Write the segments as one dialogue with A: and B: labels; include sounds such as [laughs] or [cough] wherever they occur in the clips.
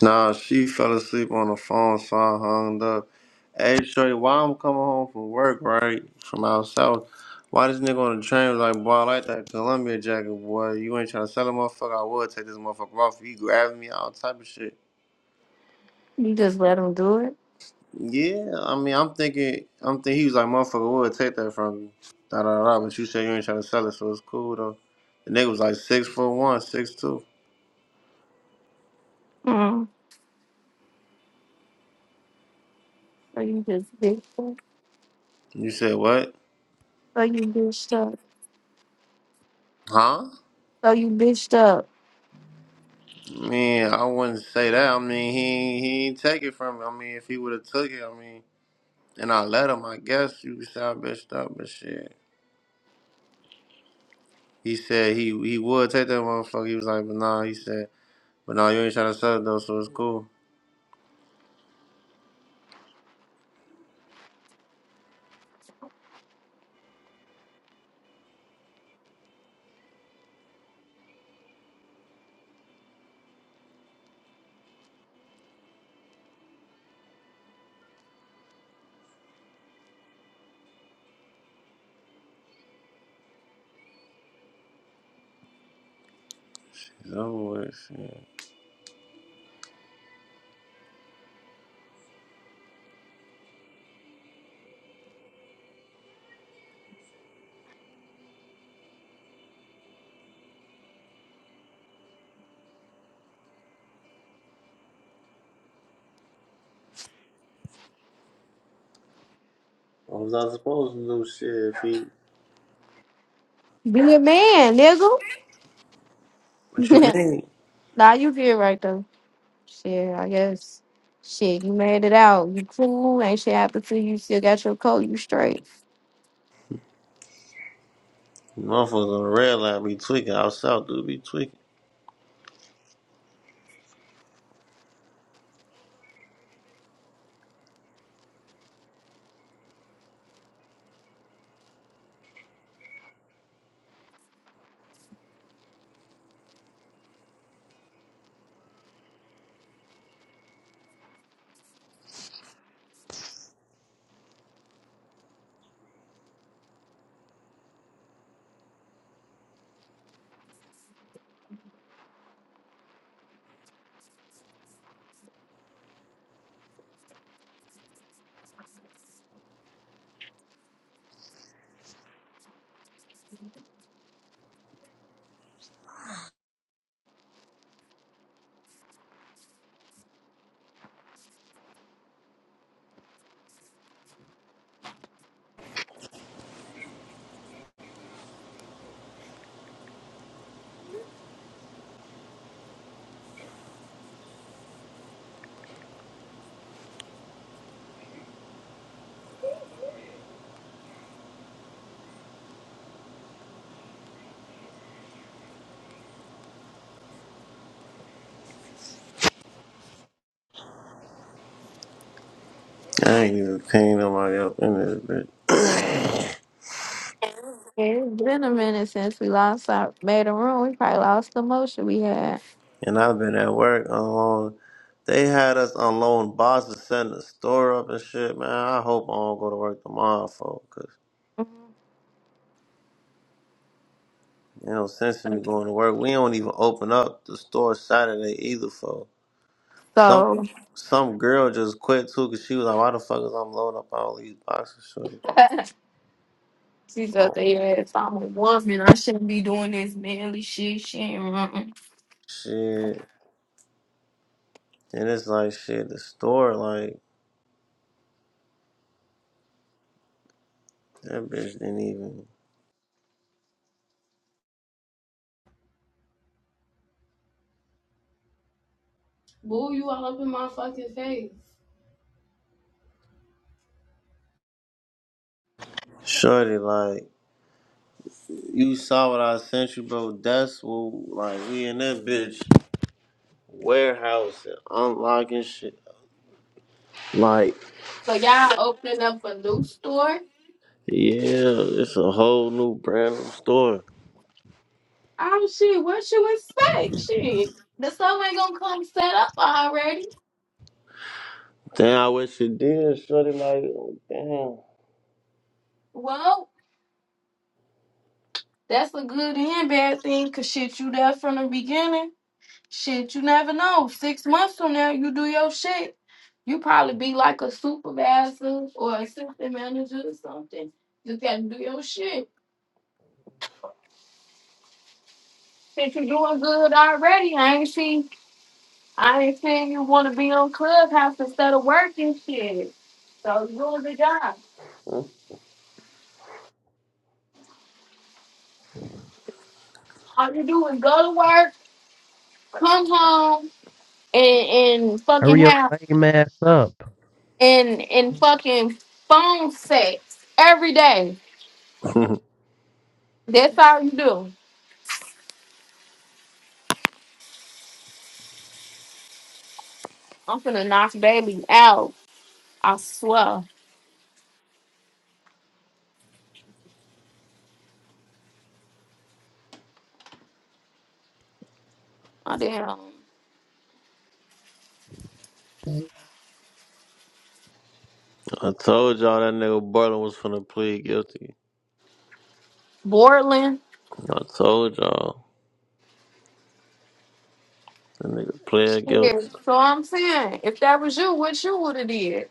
A: Nah, she fell asleep on the phone, so I hung up. Hey, Shorty, why I'm coming home from work, right? From out south. Why this nigga on the train was like, boy, I like that Columbia jacket, boy. You ain't trying to sell a motherfucker. I would take this motherfucker off. You grabbing me, all type of shit.
B: You just let them do it.
A: Yeah, I mean, I'm thinking, I'm thinking he was like, motherfucker, would take that from you. Da da da. But you said you ain't trying to sell it, so it's cool though. The nigga was like six foot one, six two.
B: Mm. So you just bitched up.
A: You said what?
B: So you bitched up.
A: Huh?
B: So you bitched up.
A: Man, I wouldn't say that. I mean, he he ain't take it from me. I mean, if he would have took it, I mean, and I let him, I guess you could say I bitched up, but shit. He said he he would take that motherfucker. He was like, but nah, he said, but nah, you ain't trying to sell it though, so it's cool. It's over with. Shit. What was I supposed to do? Shit, if he.
B: Be a man, nigga.
A: What you
B: [laughs]
A: mean?
B: nah, you did right though. Shit, I guess. Shit, you made it out. You cool. Ain't shit happened to you. Still got your coat. You straight.
A: Motherfuckers on the red line be tweaking. Out south, dude, be tweaking. I ain't even paying nobody up in this bitch. [coughs]
B: Yeah, it's been a minute since we lost our made a room. We probably lost the motion we had.
A: And I've been at work. on They had us on loan. Boss was setting the store up and shit, man. I hope I don't go to work tomorrow, folks. Cause you know, sense in me going to work. We don't even open up the store Saturday either, folks. Some
B: So
A: some girl just quit too, cause she was like, "Why the fuck is I'm loading up all these boxes, shorty?"
B: [laughs] she's up
A: Oh
B: there. If I'm a woman, I shouldn't be doing this manly shit. Shit. Mm-mm.
A: shit! And it's like shit. The store, like that bitch didn't even shorty. Like you saw what I sent you, bro. That's what like we in that bitch warehouse and unlocking shit. Like,
B: So y'all opening up a new store?
A: yeah, it's a whole new brand new story.
B: Oh shit, what you expect? Shit. The stuff ain't gonna come set up already.
A: Damn, I wish it did, shorty. Like, damn.
B: Well, that's a good and bad thing, cause shit you there from the beginning. Shit, you never know. Six months from now you do your shit. You probably be like a supervisor or assistant manager or something. Just gotta do your shit. Since you doing good already, I ain't seen I ain't seen you wanna be on clubhouse instead of working shit. So you doing the job. All you do is go to work, come home, and, and
C: Hurry
B: fucking
C: your
B: have
C: lame ass up.
B: and and fucking phone sex every day.
A: [laughs]
B: That's all you do. I'm finna knock Bailey out. I swear. I damn
A: I told y'all that nigga Berlin was finna plead guilty.
B: Borland.
A: I told y'all that nigga pled
B: Shit.
A: guilty.
B: So I'm saying, if that was you, what you would have did?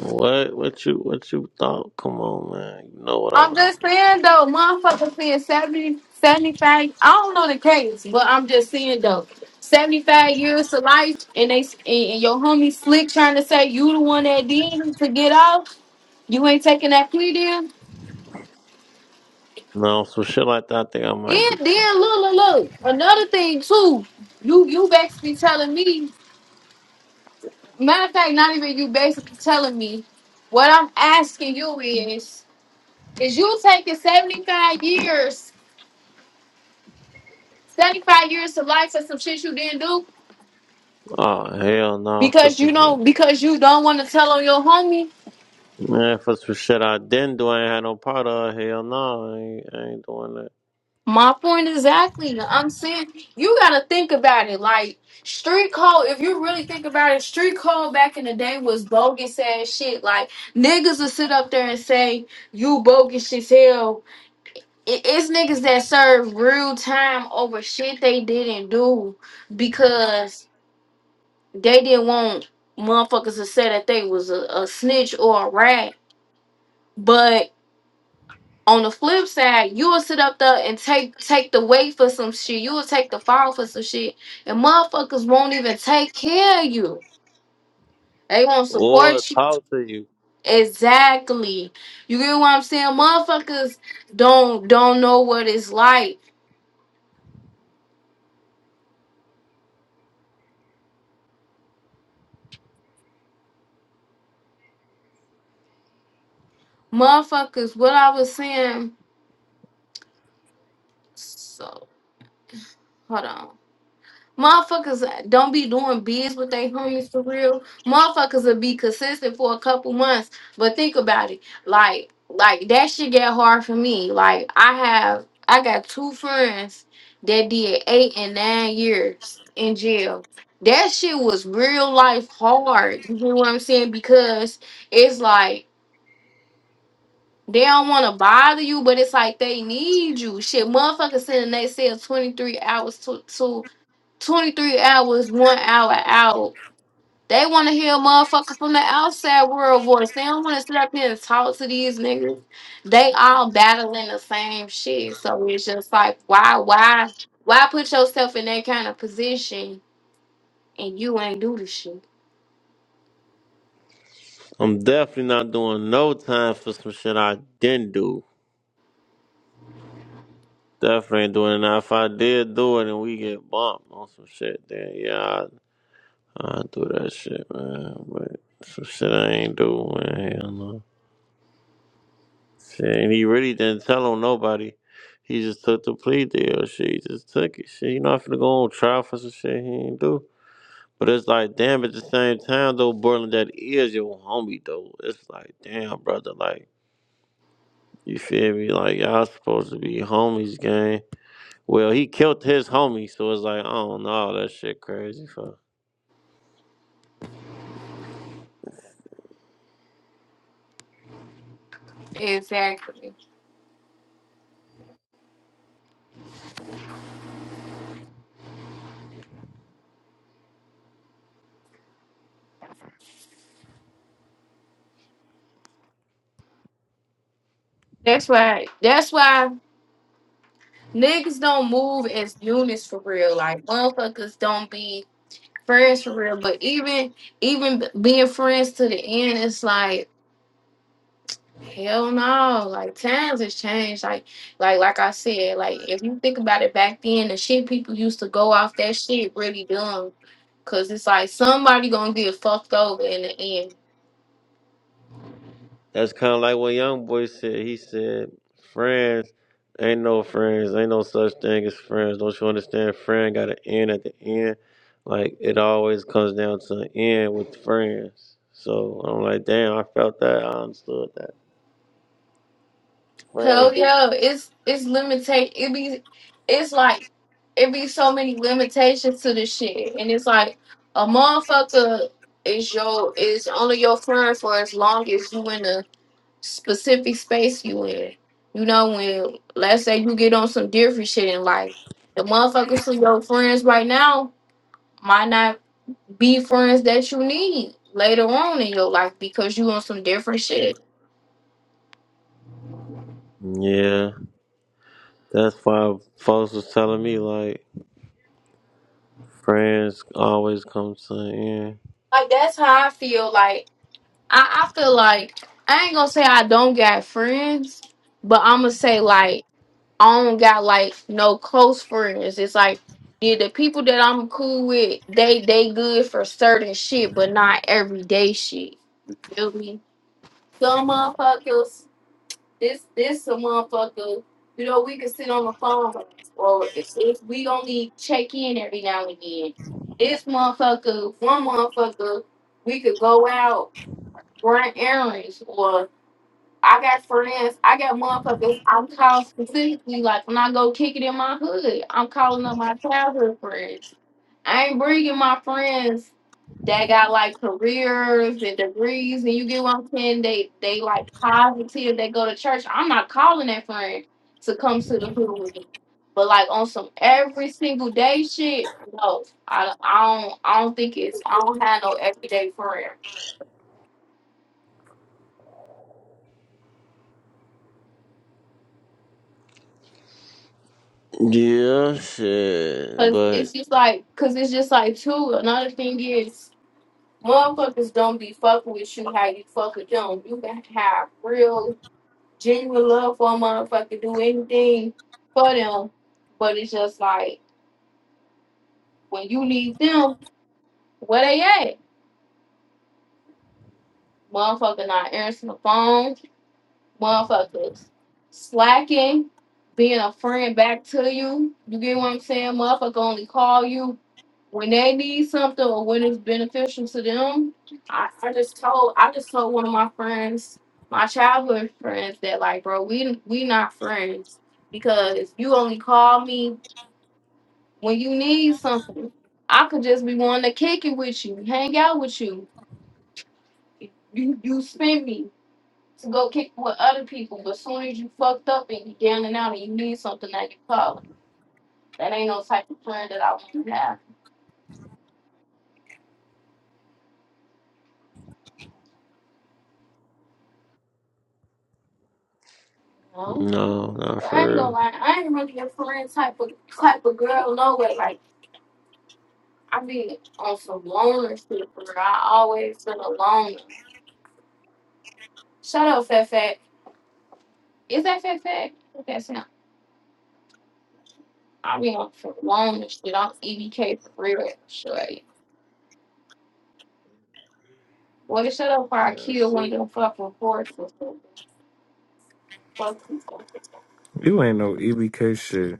A: What? What you? What you thought? Come on, man. You know what I
B: I'm
A: was.
B: just saying though, motherfuckers seeing 70, 75. I don't know the case, but I'm just saying though, 75 years to life, and they and, and your homie slick trying to say you the one that did it to get off. You ain't taking that plea deal.
A: No, some shit like that. I think I might
B: Then,
A: do.
B: then look, look, look. Another thing too, you you basically telling me. Matter of fact, not even you basically telling me. What I'm asking you is, is you taking 75 years, 75 years to life for some shit you didn't do?
A: Oh hell no, for
B: Because
A: some
B: you know,
A: shit.
B: because you don't want to tell on your homie.
A: Man, for some shit I didn't do, I ain't had no part of. Hell no, I ain't, I ain't doing that.
B: My point exactly. I'm saying you gotta think about it. Like street code, if you really think about it, street code back in the day was bogus ass shit. Like niggas would sit up there and say you bogus as hell. It- It's niggas that serve real time over shit they didn't do because they didn't want motherfuckers to say that they was a, a snitch or a rat. but. on the flip side, you will sit up there and take take the weight for some shit. You will take the fall for some shit, and motherfuckers won't even take care of you. They won't
A: Or
B: support you.
A: talk to you.
B: Exactly. You get what I'm saying? Motherfuckers don't don't know what it's like. Motherfuckers, what I was saying. So hold on. Motherfuckers don't be doing biz with their homies for real. Motherfuckers will be consistent for a couple months. But think about it. Like, like that shit get hard for me. Like I have I got two friends that did eight and nine years in jail. That shit was real life hard. You know what I'm saying? Because it's like they don't want to bother you, but it's like they need you. Shit, motherfuckers sitting in their cell 23 hours to 23 hours, one hour out. They want to hear motherfuckers from the outside world voice. They don't want to sit up here and talk to these niggas. They all battling the same shit. So it's just like, why, why, why put yourself in that kind of position and you ain't do the shit?
A: I'm definitely not doing no time for some shit I didn't do. Definitely ain't doing it. Now, if I did do it and we get bumped on some shit, then yeah, I I do that shit, man. But some shit I ain't do, man. Hell no. Shit, and he really didn't tell on nobody. He just took the plea deal. Shit, he just took it. Shit, you know, i finna go on trial for some shit he ain't do. But it's like, damn, at the same time, though, Borland, that is your homie, though. It's like, damn, brother, like. You feel me? Like y'all supposed to be homies, gang. Well, he killed his homie, so it's like, I don't know. that shit crazy. Fuck.
B: Exactly. That's why. That's why niggas don't move as units for real. Like motherfuckers don't be friends for real. But even even being friends to the end, it's like. Hell no. Like times has changed. Like like like I said, like if you think about it back then, the shit people used to go off that shit really dumb. Cause it's like somebody gonna get fucked over in the end.
A: That's kind of like what Young Boy said. He said, "Friends ain't no friends. Ain't no such thing as friends. Don't you understand? Friend got an end at the end. Like it always comes down to an end with friends. So I'm like, damn, I felt that. I understood that. Friends.
B: Hell
A: do-
B: yeah, it's it's limitate it be it's like it be so many limitations to the shit. And it's like a motherfucker is your is only your friend for as long as you in the specific space you in. You know, when let's say you get on some different shit in life, the motherfuckers who your friends right now might not be friends that you need later on in your life because you on some different shit.
A: Yeah, that's why folks was telling me like." Friends always come to an end.
B: Like that's how I feel. Like I, I feel like I ain't gonna say I don't got friends, but I'ma say like I don't got like no close friends. It's like yeah, the people that I'm cool with, they they good for certain shit, but not everyday shit. Feel me? Some motherfuckers, this this some motherfucker, you know, we can sit on the phone or if, if we only check in every now and then. This motherfucker, one motherfucker, we could go out, run errands or. I got friends, I got motherfuckers I'm called specifically, like when I go kick it in my hood, I'm calling up my childhood friends. I ain't bringing my friends that got like careers and degrees, and you get what I'm saying? They they like positive. They go to church. I'm not calling that friend to come to the hood with me, but like on some every single day shit. No, I, I don't I don't think it's I don't have no everyday friend.
A: Yeah, shit.
B: Cause it's
A: But
B: just like, cause it's just like too. Another thing is, motherfuckers don't be fucking with you how you fuck with them. You can have real, genuine love for a motherfucker, do anything for them, but it's just like when you need them, where they at? Motherfucker not answering the phone. motherfuckers slacking, being a friend back to you. You get what I'm saying? Motherfucker only call you when they need something or when it's beneficial to them. I, I just told I just told one of my friends, my childhood friends, that like, bro, we we not friends because you only call me when you need something. I could just be wanting to kick it with you, hang out with you. You you spend me to go kick with other people, but as soon as you fucked up and you down and out and you need something that you call it. That ain't no type of friend that I want to have, you know?
A: No, not
B: But I
A: for
B: ain't gonna
A: real.
B: lie, I ain't really a friend type of type of girl, no way. Like I be on some loner shit for real. I always been a loner. Shut up, Fat Fat. Is that Fat Fat? What that sound? I be on some loner shit. I'm EBK for real, sure. Well, shut up or I
A: yeah, I
B: kill one of
A: see.
B: them fucking horses. Fuck you.
D: You ain't no EBK shit.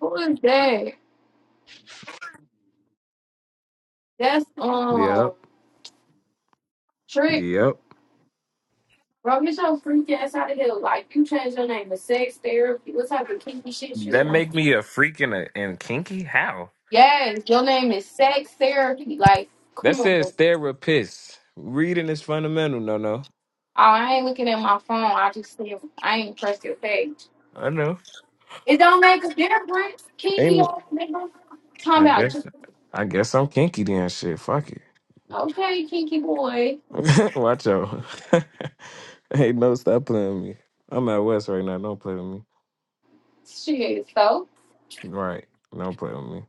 B: Who is that? That's um
D: Yep.
B: trick.
D: Yep.
B: Bro, get your freak ass out of here. Like you changed your name to sex therapy. What type of kinky shit you
D: That
B: on?
D: make me a freak and, a, and kinky? How?
B: Yes, your name is sex therapy. Like,
D: That
B: come on. bro.
D: says
B: Oh,
D: therapist. Reading is fundamental, no no.
B: I ain't looking at my phone. I just see if I ain't pressed your page.
D: I know.
B: It don't make a difference. Kinky
D: Ain't
B: ass nigga. Talking
D: I
B: about j-
D: guess I guess I'm kinky then shit. Fuck
B: okay, kinky boy.
D: it. [laughs] Watch out. [laughs] hey, no, stop playing with me. I'm at West right now. Don't play with me.
B: Shit, so
D: Right. Don't play with me.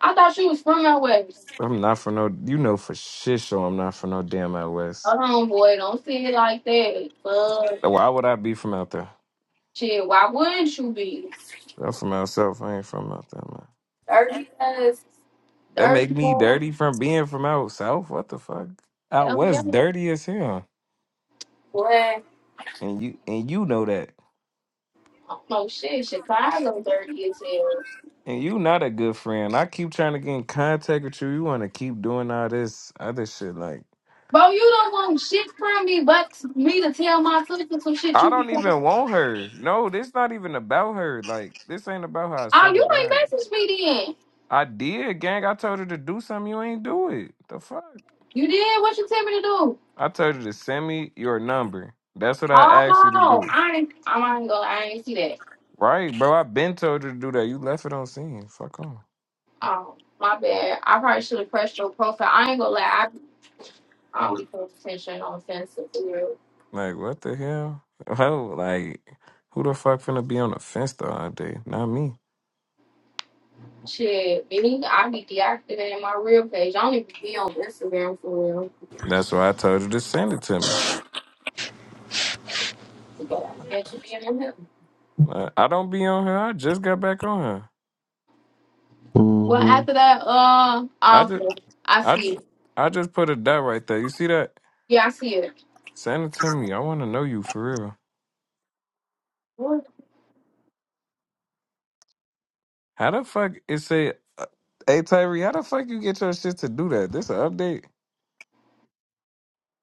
B: I thought you was from out west.
D: I'm not for no you know for shit show I'm not for no damn out west.
B: Hold on, boy, don't say it like that. But
D: Why would I be from out there?
B: shit, why wouldn't you be?
D: I'm from out south. I ain't from out there, man.
B: Thirtieth,
D: That
B: thirty
D: make me
B: more.
D: dirty from being from out south. What the fuck? Out
B: Hell yeah.
D: west, dirty as hell.
B: Boy, I
D: And you and you know that.
B: don't know shit. Chicago dirty as hell.
D: And you not a good friend. I keep trying to get in contact with you. You want to keep doing all this other shit. Like
B: Bro, you don't want shit from me but me to tell my sister some shit
D: I
B: you be
D: don't
B: telling.
D: even want her. No, this not even about her. Like this ain't about her. I
B: Oh,
D: swear to
B: you
D: God.
B: ain't message me then.
D: I did, gang. I told her to do something. You ain't do it. The fuck?
B: You did what you tell me to do.
D: I told her to send me your number. That's what I asked you to
B: Oh,
D: do.
B: I ain't oh, I ain't gonna I ain't see that.
D: Right, bro. I've been told you to do that. You left it on scene. Fuck on.
B: Oh, my bad. I probably should have pressed your profile. I ain't gonna lie, I, I don't be paying attention on offensive real.
D: Like, what the hell? Hell, like, who the fuck finna be on the fence the other day? Not me.
B: Shit, me, I be deactivating my real page. I don't even be on Instagram for real.
D: That's why I told you to send it to me.
B: It should be in him.
D: Like, I don't be on her. I just got back on her.
B: Well,
A: hmm
B: after that, uh,
D: I
B: i
D: just,
B: I
D: I
B: see
D: just,
B: it.
D: I just put a dot right there. You see that?
B: Yeah, I see it.
D: Send it to me. I want to know you for real.
B: What?
D: How the fuck it say? uh, Hey Tyree, how the fuck you get your shit to do that? This an update?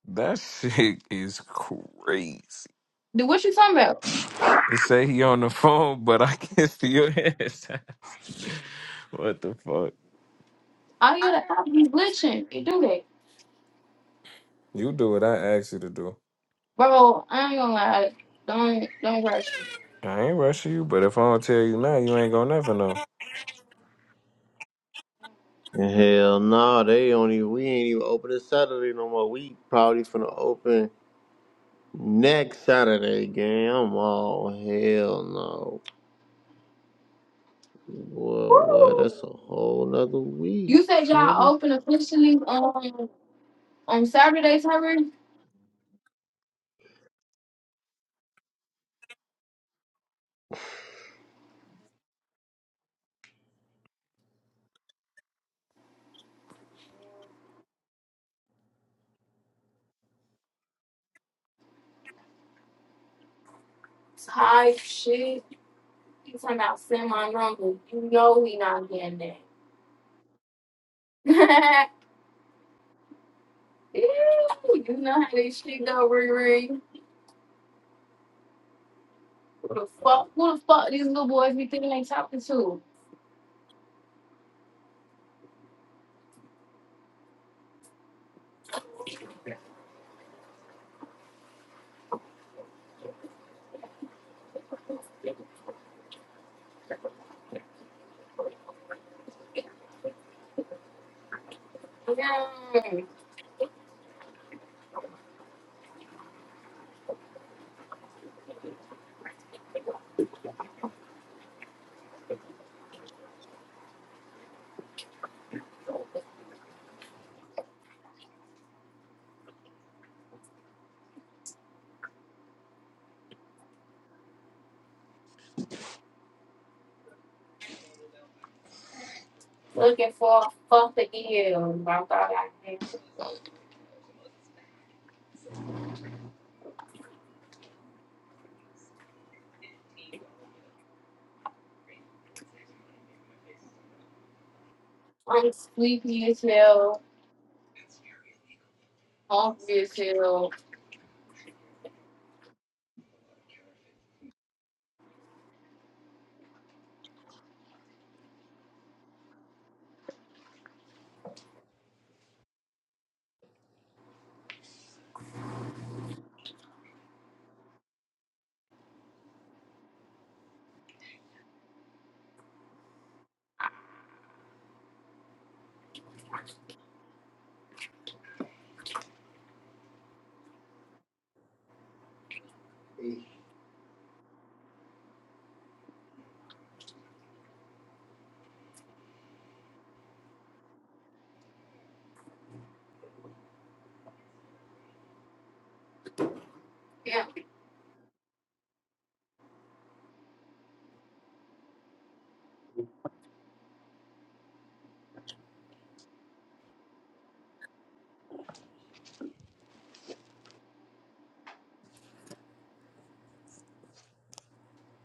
D: That [laughs] shit is crazy.
B: Dude, what you talking about?
D: It say he on the [laughs] phone, but I can [laughs] still hear his ass. What the fuck?
B: I hear that. I be glitching. You do that,
D: You do what I ask you to do.
B: bro. I ain't gonna lie. Don't don't rush me.
D: I ain't rushing you, but if I don't tell you now, you ain't gonna never know.
A: And hell no, they only we ain't even open this Saturday no more. We probably finna open next Saturday, gang. I'm all hell no. Well, what?
B: Woo!
A: That's a whole nother week,
B: You said
A: shorty.
B: y'all open officially on on Saturdays, Harry? Type shit. You talking about send my number? You know we not getting that. [laughs] Ew, you know how this shit go, Riri. Who the fuck, who the fuck these little boys be thinking they talking to? Mm. Looking for a fuck to give. I thought I had. I'm sleepy as hell, hungry as hell. Yeah.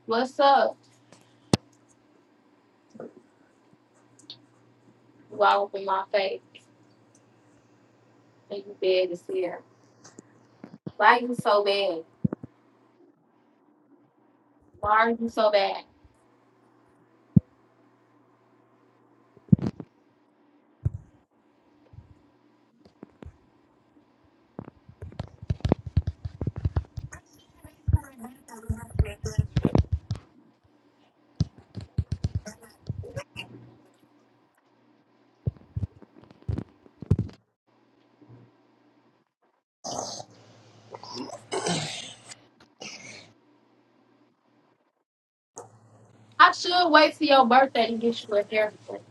B: What's up? You all up in my face and you bad as hell. Why you so bad? Why are you so bad? I should wait till your birthday to get you a haircut.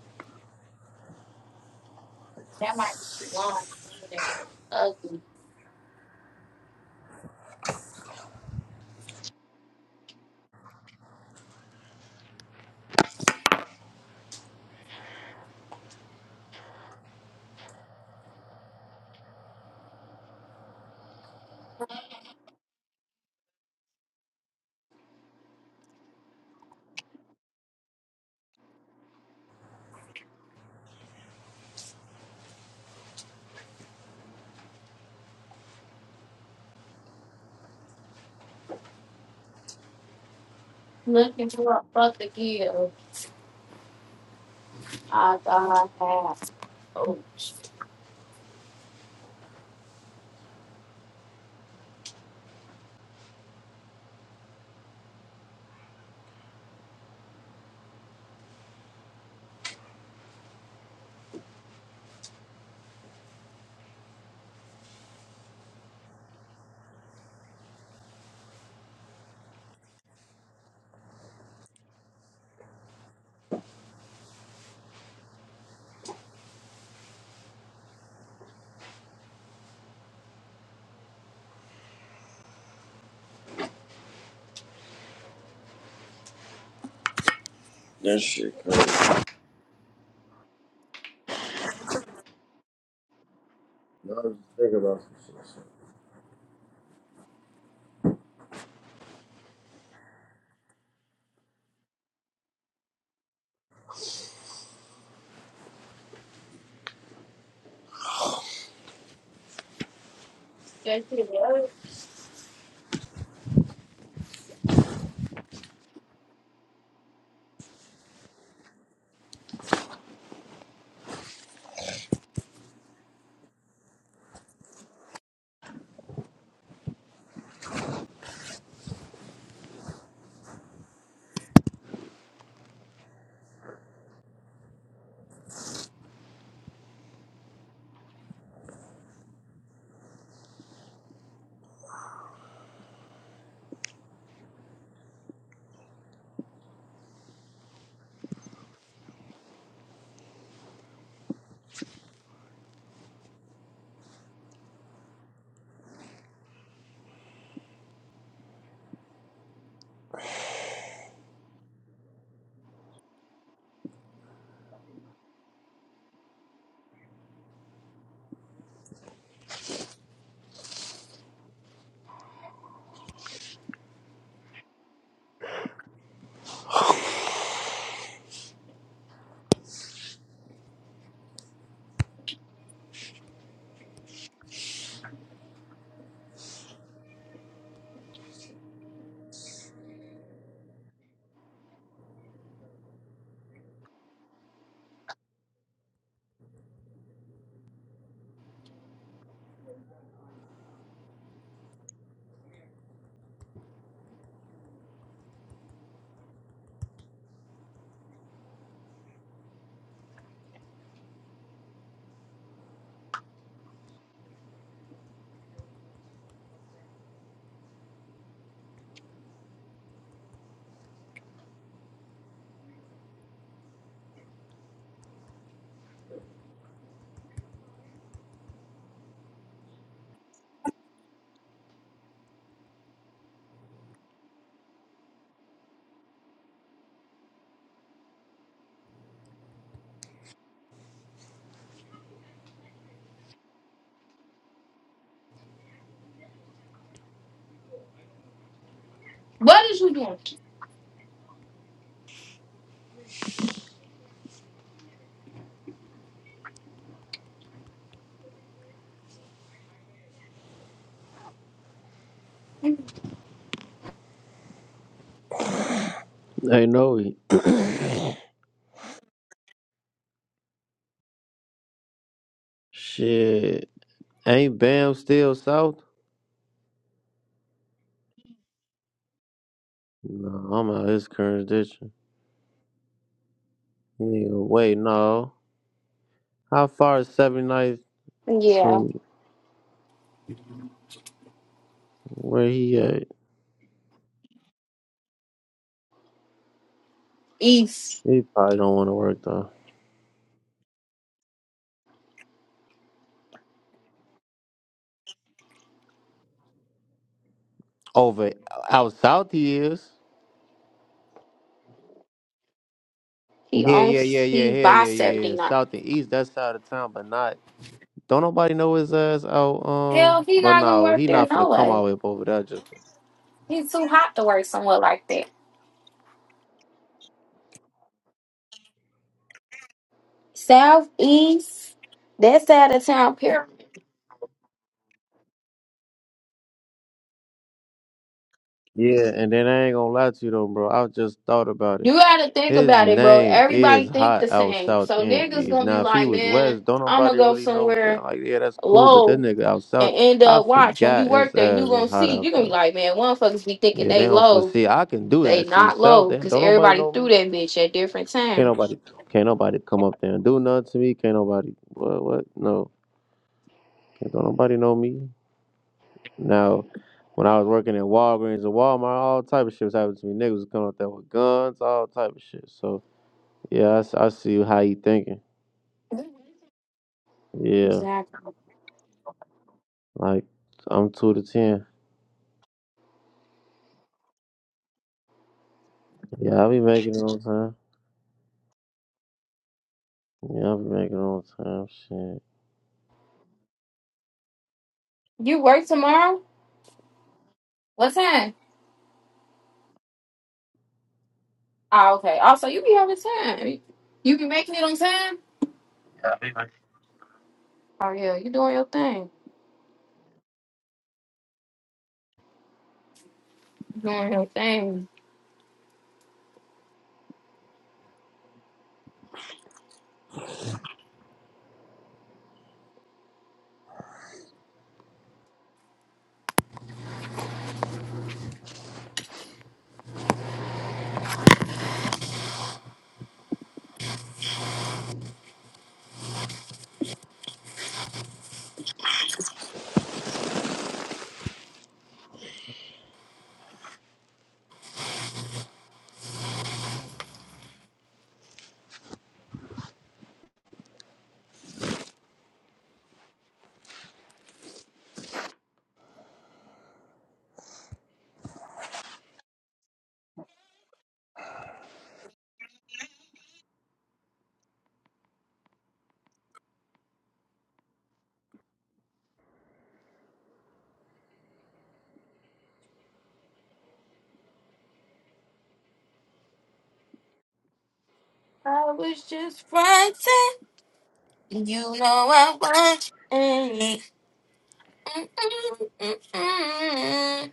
B: That might be too long. That's ugly. Looking for a fuck to give. I thought I had. Oh, shit.
A: That shit crazy. I was just thinking about some
B: What is you doing?
A: shit. I know it. [clears throat] shit. Ain't Bam still south? No, I'm out of his jurisdiction. Nigga, wait, no. How far is 79th
B: Yeah,
A: from where he at?
B: he's
A: He probably don't want to work though. Over out south he is.
B: he
A: Yeah, yeah,
B: owns
A: yeah, yeah,
B: he
A: hell yeah,
B: buys
A: yeah,
B: seventy
A: yeah.
B: nine.
A: South and east, that's side of town, but not. Don't nobody know his ass out.
B: Hell,
A: Um,
B: he
A: but
B: not gonna
A: no,
B: work
A: he
B: there
A: not finna
B: no
A: come
B: way.
A: all the way up over there. Just
B: He's too hot to work somewhere like that. Southeast, that's out of town. Period.
A: yeah, and then I ain't gonna lie to you though, bro. I just thought about it.
B: You gotta think
A: His
B: about it, bro.
A: name
B: Everybody
A: is
B: think
A: hot
B: the
A: out
B: same,
A: south
B: so
A: and
B: niggas
A: east.
B: gonna be
A: Now, if he
B: like,
A: was
B: man,
A: west, don't
B: I'm gonna
A: nobody
B: go
A: really know. Man,
B: somewhere
A: like, yeah, that's cool, but that
B: low
A: nigga out south,
B: and end
A: I
B: up watch. When you
A: forgot
B: work
A: his
B: there, you
A: ass
B: gonna
A: is hot
B: see.
A: out
B: You gonna be
A: there.
B: like, man, one fuckers be thinking
A: Yeah,
B: they
A: they don't
B: low.
A: foresee. I can do
B: They
A: that. See,
B: not
A: south,
B: low
A: then
B: because
A: don't nobody
B: everybody
A: know
B: threw
A: me.
B: that bitch at different
A: Can't
B: time.
A: nobody, can't nobody come up there and do nothing to me. Can't nobody, what, what? No, can't, don't nobody know me. Now, when I was working at Walgreens and Walmart, all type of shit was happening to me. Niggas was coming up there with guns, all type of shit. So yeah, I, s- I see how you thinking. Yeah.
B: Exactly.
A: Like I'm two to ten. Yeah, I be making it on time. Yeah, I be making it on time. Shit.
B: You work tomorrow? What time? Oh, okay. Also, you be having time. You be making it on time? Oh yeah, you doing your thing. Doing your thing. I was just fronting. You know I was. Mm, mm, mm, mm, mm.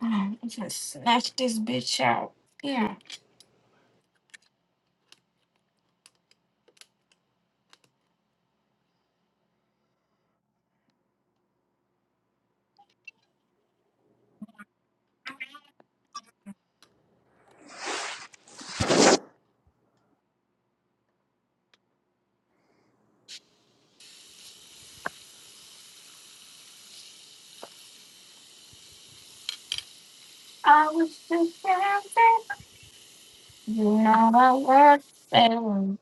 B: I'm gonna snatch [laughs] this bitch out. Yeah. I was just fronting. You know I work and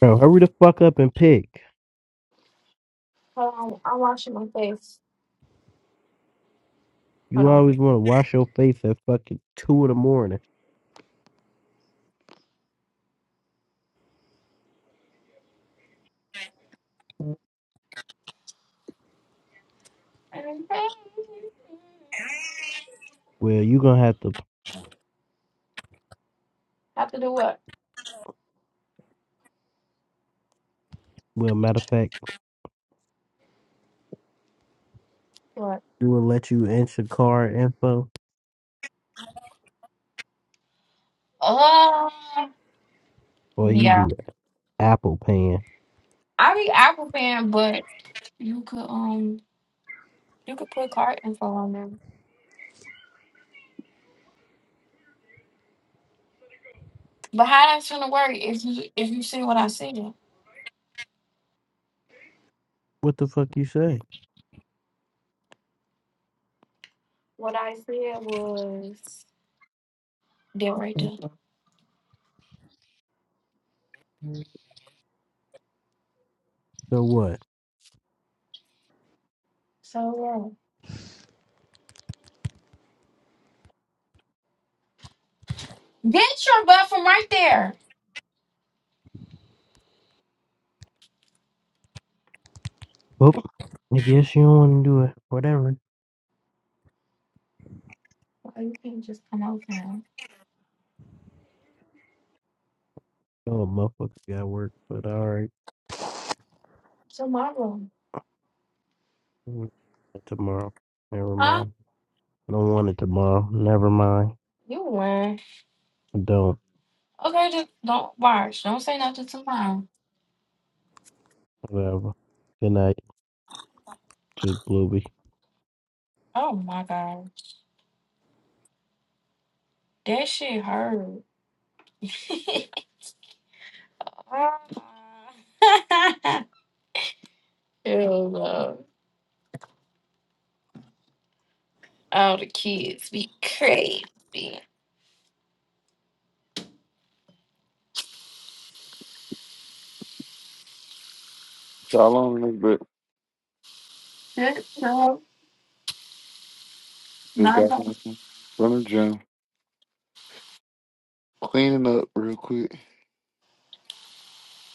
C: Bro, hurry the fuck up and pick.
B: hold on, I'm washing my face. Hold
C: You
B: on.
C: always want to wash your face at fucking 2 in the morning. Well, you gonna have to,
B: Have to do what?
C: well, matter of fact,
B: What?
C: you will let you enter card info
B: Uh,
C: or you be
B: yeah.
C: Apple paying.
B: I be Apple fan, but you could um you could put card info on there. But how that's gonna work if you if you see what I said?
C: What the fuck you say?
B: What I said was there right there.
C: So what?
B: So yeah. Get your butt from right there.
C: Well, I guess you don't want to do it. Whatever.
B: Why you can't just come out now?
C: Oh, motherfucker got work, but alright.
B: Tomorrow.
C: Tomorrow. Never
B: Huh?
C: mind. I don't want it tomorrow. Never mind.
B: You lying.
C: I don't.
B: Okay, just don't watch. Don't say nothing to mom.
C: Whatever. Good night. Just Bluey.
B: Oh my god, that shit hurt. [laughs] Ah. [laughs] Hell no. All the kids be crazy.
E: Shalom, nigga, but
B: Shut up.
E: just
B: Not
E: got
B: the
E: home from the gym, cleaning up real quick.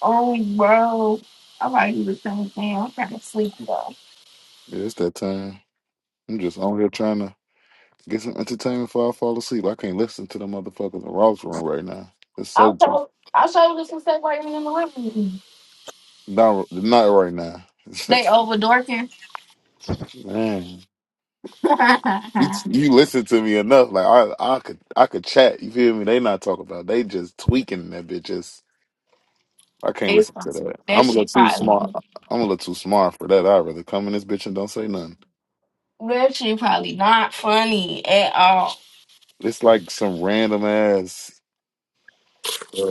B: old bro. I might do the same thing. I'm kind of sleepy though.
E: Yeah, it's that time. I'm just on here trying to get some entertainment before I fall asleep. I can't listen to the motherfuckers in Ross room right now. It's so
B: I'll
E: good.
B: show, I'll show this the Why you in the living room.
E: Not, not right now. [laughs]
B: They overdorking.
E: Man, you
B: [laughs]
E: you listen to me enough. Like I I could I could chat. You feel me? They not talking about. They just tweaking in that bitch. Just I can't
B: it's
E: listen to
B: possible.
E: that.
B: That
E: I'm a little
B: shit
E: too smart.
B: probably,
E: I'm a little too smart for that. I'd rather come in this bitch and don't say nothing.
B: that shit probably not funny at all.
E: It's like some random ass, uh,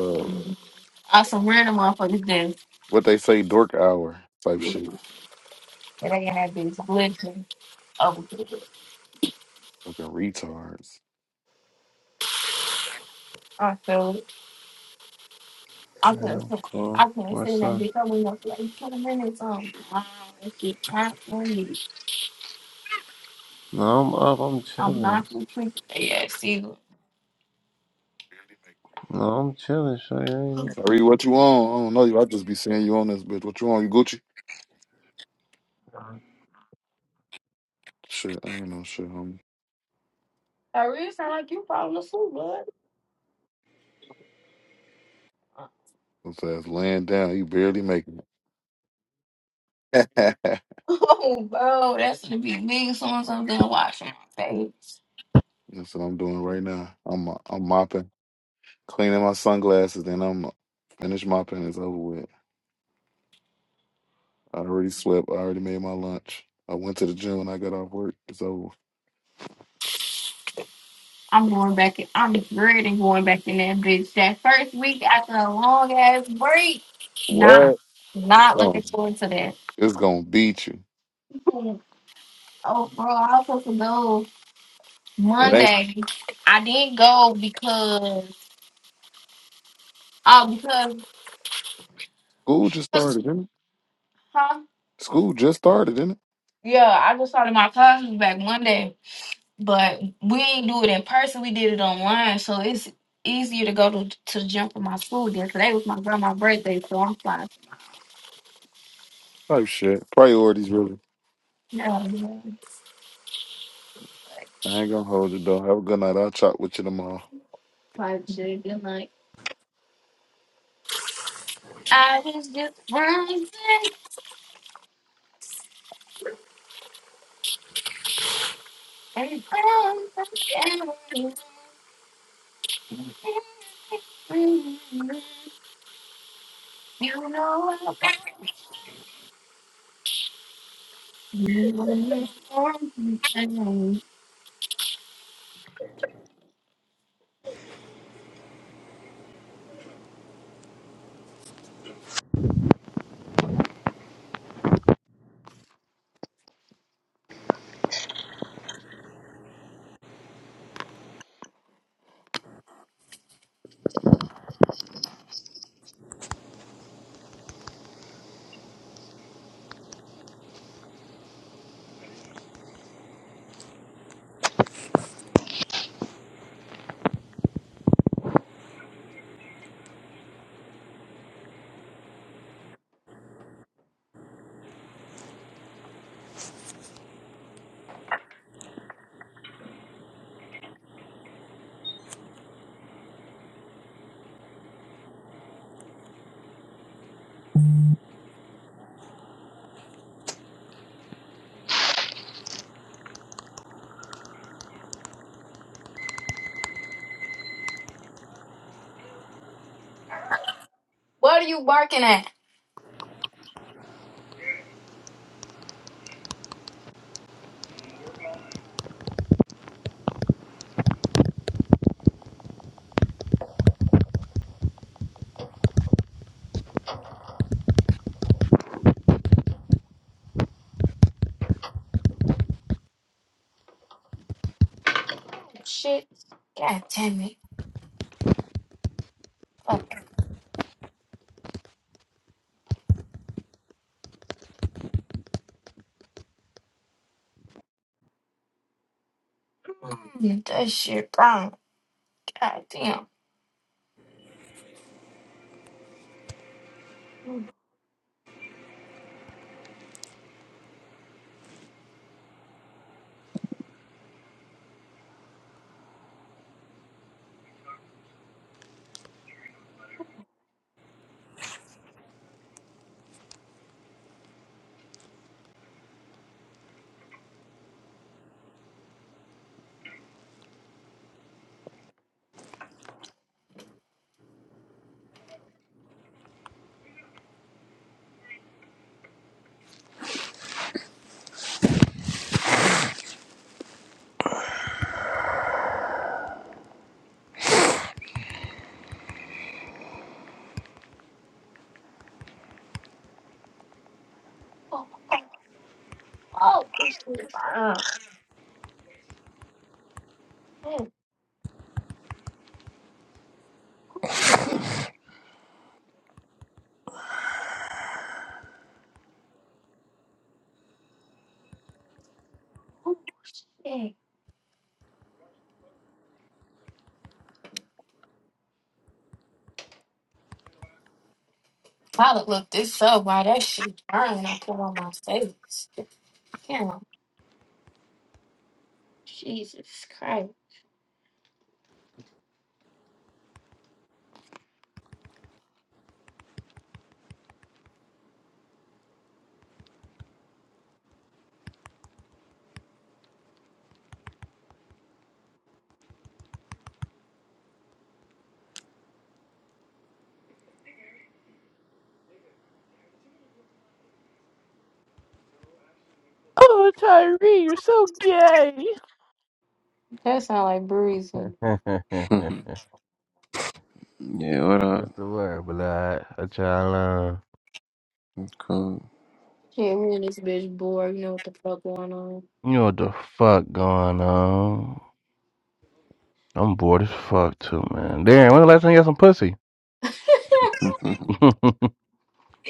B: I where random motherfuckers then?
E: what they say, dork hour type
B: And
E: shit.
B: they in that bitch glitching. Oh,
E: Fucking retards.
B: I feel it. I
A: Yeah,
B: couldn't,
A: I'm
B: sit-
A: cool.
B: I couldn't sit in
A: What's
B: that
A: up?
B: bitch. I went up for like 20 minutes. Um, wow, that shit trapped for me.
A: No, I'm up. I'm
B: I'm
A: chilling.
B: not for freak. Yeah, see,
A: No, I'm chilling. Sure, you
E: Tyree, what you on? I don't know you. I just be seeing you on this bitch. What you on? You Gucci? Shit, I ain't no shit, homie.
B: I really sound like you falling asleep, bud.
E: What's ass laying down? He barely making. it. [laughs]
B: [laughs] Oh, bro, that's gonna be me. Someone's gonna watch my face.
E: That's what I'm doing right now. I'm I'm mopping, cleaning my sunglasses. Then I'm finished mopping. It's over with. I already slept. I already made my lunch. I went to the gym when I got off work. It's over.
B: I'm going back in. I'm dreading going back in that bitch. That first week after a long ass break, not,
E: What?
B: not looking
E: Um,
B: forward to that.
E: it's gonna beat you.
B: Oh, bro, I was supposed to go
E: It ain't.
B: Monday. I didn't go because, oh,
E: School just
B: because,
E: started, innit?
B: huh?
E: School just started, innit?
B: Yeah, I just started my classes back Monday, but we ain't do it in person. We did it online, so it's easier to go to to the gym for my school there. Today was my grandma's birthday, so I'm fine.
E: Type shit. Priorities, really.
B: Yeah, yeah.
E: I ain't gonna hold you, though. Have a good night. I'll chat with you tomorrow.
B: probably should be like, I was just rising and rising and rising. You know I want you to make every time. What are you barking at? Shit. God damn it. Fuck. Get that shit brown. God damn. Oh, oh, this shit brown. Hey, oh, shit. Gotta look this up while that shit burn and I put on my face. Damn. Jesus Christ.
F: Oh, Tyree, you're so gay.
B: That sound like breezy.
F: [laughs]
A: ain't. [laughs] yeah, what
F: What's
A: up?
F: the word, blood? What y'all uh,
A: Cool.
B: Shit, me and this bitch bored. You know what the fuck going on.
F: You know what the fuck going on? I'm bored as fuck too, man. Darren, when the last time you got some pussy?
B: [laughs]
A: [laughs]
F: [laughs]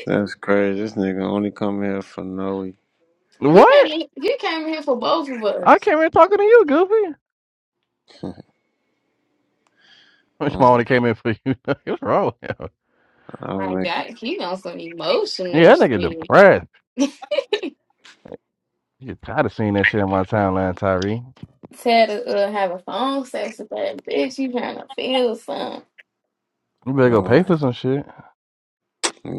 A: That's crazy. This nigga only come here for Noe.
B: He came.
F: what?
B: He came here for both of
F: I
B: us.
F: came in talking to you, Goofy.
A: [laughs]
F: [laughs] Which one
A: oh,
F: only came in for you? [laughs] What's wrong with him?
A: I be
B: Like
A: making
B: that, he on some emotional
F: Yeah, that nigga
B: shit.
F: depressed. You tired of seeing that shit in my timeline, Tyree.
B: Said to uh, have a phone sex with that bitch. You trying to feel something?
F: You better go
A: no
F: pay for some shit.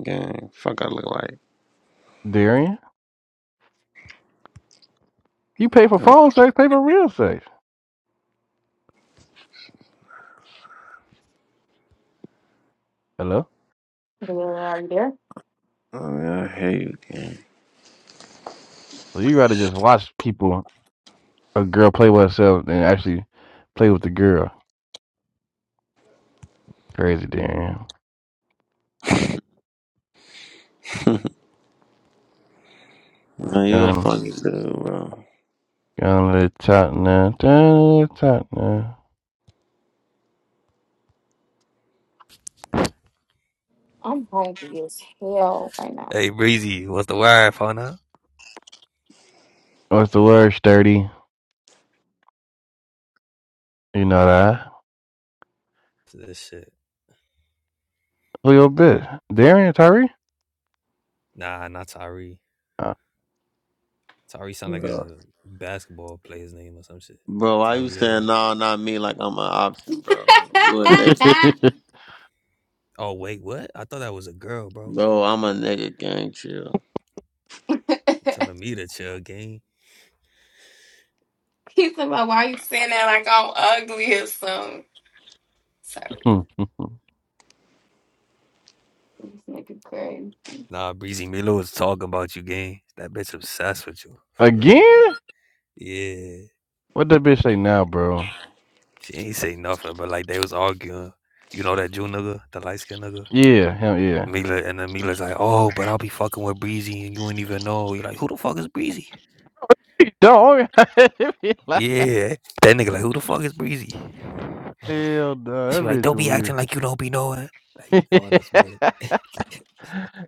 A: gang. Fuck, I look like.
F: Darian, you pay for
A: Oh,
F: phone sex, pay for real sex. Hello?
B: Yeah, are you there?
A: I mean, I hate you, gang.
F: So you rather just watch people. a girl play with herself and actually play with the girl. Crazy damn.
A: [laughs] man, you a
F: Gonna
A: funny dude, bro.
F: gonna top now, gonna top now.
B: I'm hungry as hell right now.
G: Hey Breezy, what's the word, partner?
F: What's the word, sturdy? You know that.
G: This shit.
F: Who your bitch? Darian Tyree?
G: Nah, not Tyree.
F: Uh.
G: Tyree sound like
A: Bro,
G: a basketball player's name or some shit.
A: Bro, why you
G: Tyree Hill.
A: saying no, not me like I'm an option,
B: [laughs]
A: bro? You a nigga gang.
F: [laughs]
G: Oh wait, what? I thought that was a girl, bro.
A: Bro, I'm a nigga gang, chill.
G: You telling me to chill, gang.
B: he said, "Well, why you saying that like I'm ugly or something?" Sorry, this nigga crazy.
G: Nah, Breezy Milo was talking about you, gang. That bitch obsessed with you, for real.
F: Again?
G: Yeah,
F: What that bitch say now, bro?
G: she ain't say nothing, but like they was arguing. You know that Jew nigga, the light skinned nigga.
F: Yeah, hell yeah.
G: Mila and then Mila's like, oh, but I'll be fucking with Breezy and you ain't even know. You're like, who the fuck is Breezy?
F: [laughs] Don't [laughs] be like-
G: Yeah, that nigga like, who the fuck is Breezy?
F: Hell
G: She
F: no,
G: like,
F: that bitch
G: don't be
F: weird.
G: acting like you don't be knowing.
F: [laughs]
G: Like all this bull.
F: that
G: [laughs]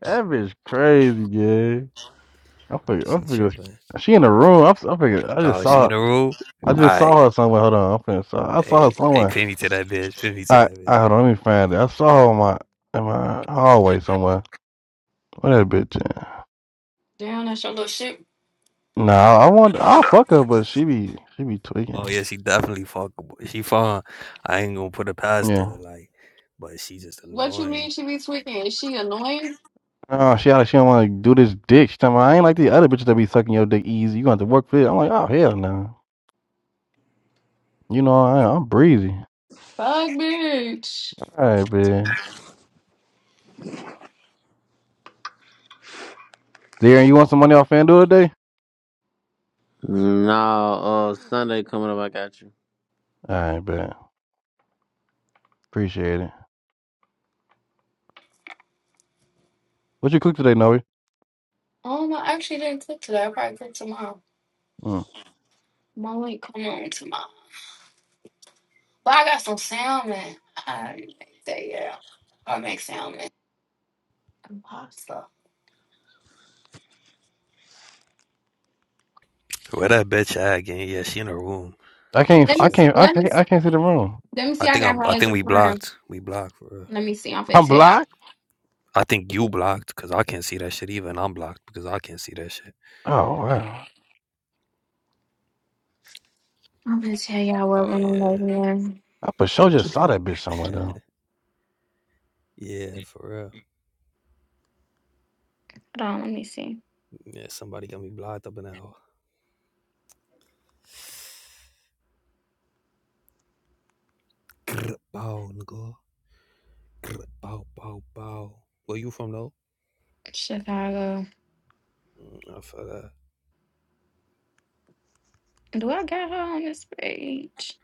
F: bitch crazy, yeah. I figured. I
G: She
F: figured
G: tripping.
F: she in the room. I, I figure I just
G: Oh, she in
F: saw
G: the room.
F: I
G: All
F: just
G: right,
F: saw her somewhere. Hold on, I'm finna saw, I saw her
G: hey, hey,
F: somewhere.
G: pin me to that bitch. Pin me to
F: I
G: that bitch.
F: I hold on, let me find it. I saw her in my in my hallway somewhere. Where that bitch? At?
B: Damn, that's your little shit.
F: Nah, I want I fuck her, but she be she be
G: Oh
F: tweaking.
G: yeah, she definitely fuckable. She fine. I ain't gonna put her past
F: Yeah.
G: her. Like, but she just
B: What you mean
G: annoying.
B: she be tweaking? Is she annoying?
F: Oh, she out. She don't want to do this dick. She talking about, I ain't like the other bitches that be sucking your dick easy. You gonna have to work for it. I'm like, oh hell no. You know I, am. I'm breezy.
B: Fuck, bitch.
F: All right, man. Darren, you want some money off FanDuel today?
A: Nah, uh, Sunday coming up, I got you.
F: All right, man. Appreciate it. What you cook today, Noe?
B: Oh no, I actually didn't click today. I probably click tomorrow.
F: Hmm.
B: Molly, come on tomorrow. But I got some salmon. I make that, yeah. I make salmon and pasta.
G: Where that bitch at again? Yeah, she in her room.
F: I
G: Go
F: can't.
B: Let
F: I
B: me
G: chill.
F: can't. I
B: let me
F: can't. I can't see the room.
B: let me
G: I
B: see. I
G: think
B: got
G: I'm.
B: her
G: I
B: as
G: think
B: a
G: we
B: friend.
G: blocked. We blocked for real.
B: Let me see. I'm finna
F: I'm
B: tell y'all.
F: blocked.
G: I think you blocked because I can't see that shit either, and I'm blocked because I can't see that shit.
F: Oh wow!
B: I'm gonna tell y'all what
G: Oh
B: room they
G: yeah,
B: in.
F: I for sure just saw that bitch somewhere
G: yeah,
F: though.
G: [laughs] yeah, for real.
B: Hold on. Let me see.
G: Yeah, somebody got me blocked up in that hole. Grr, Bow, nigga. Grr, Bow, bow, bow. Where you from though?
B: Chicago.
G: Mm, I feel that.
B: Do I got her on this page?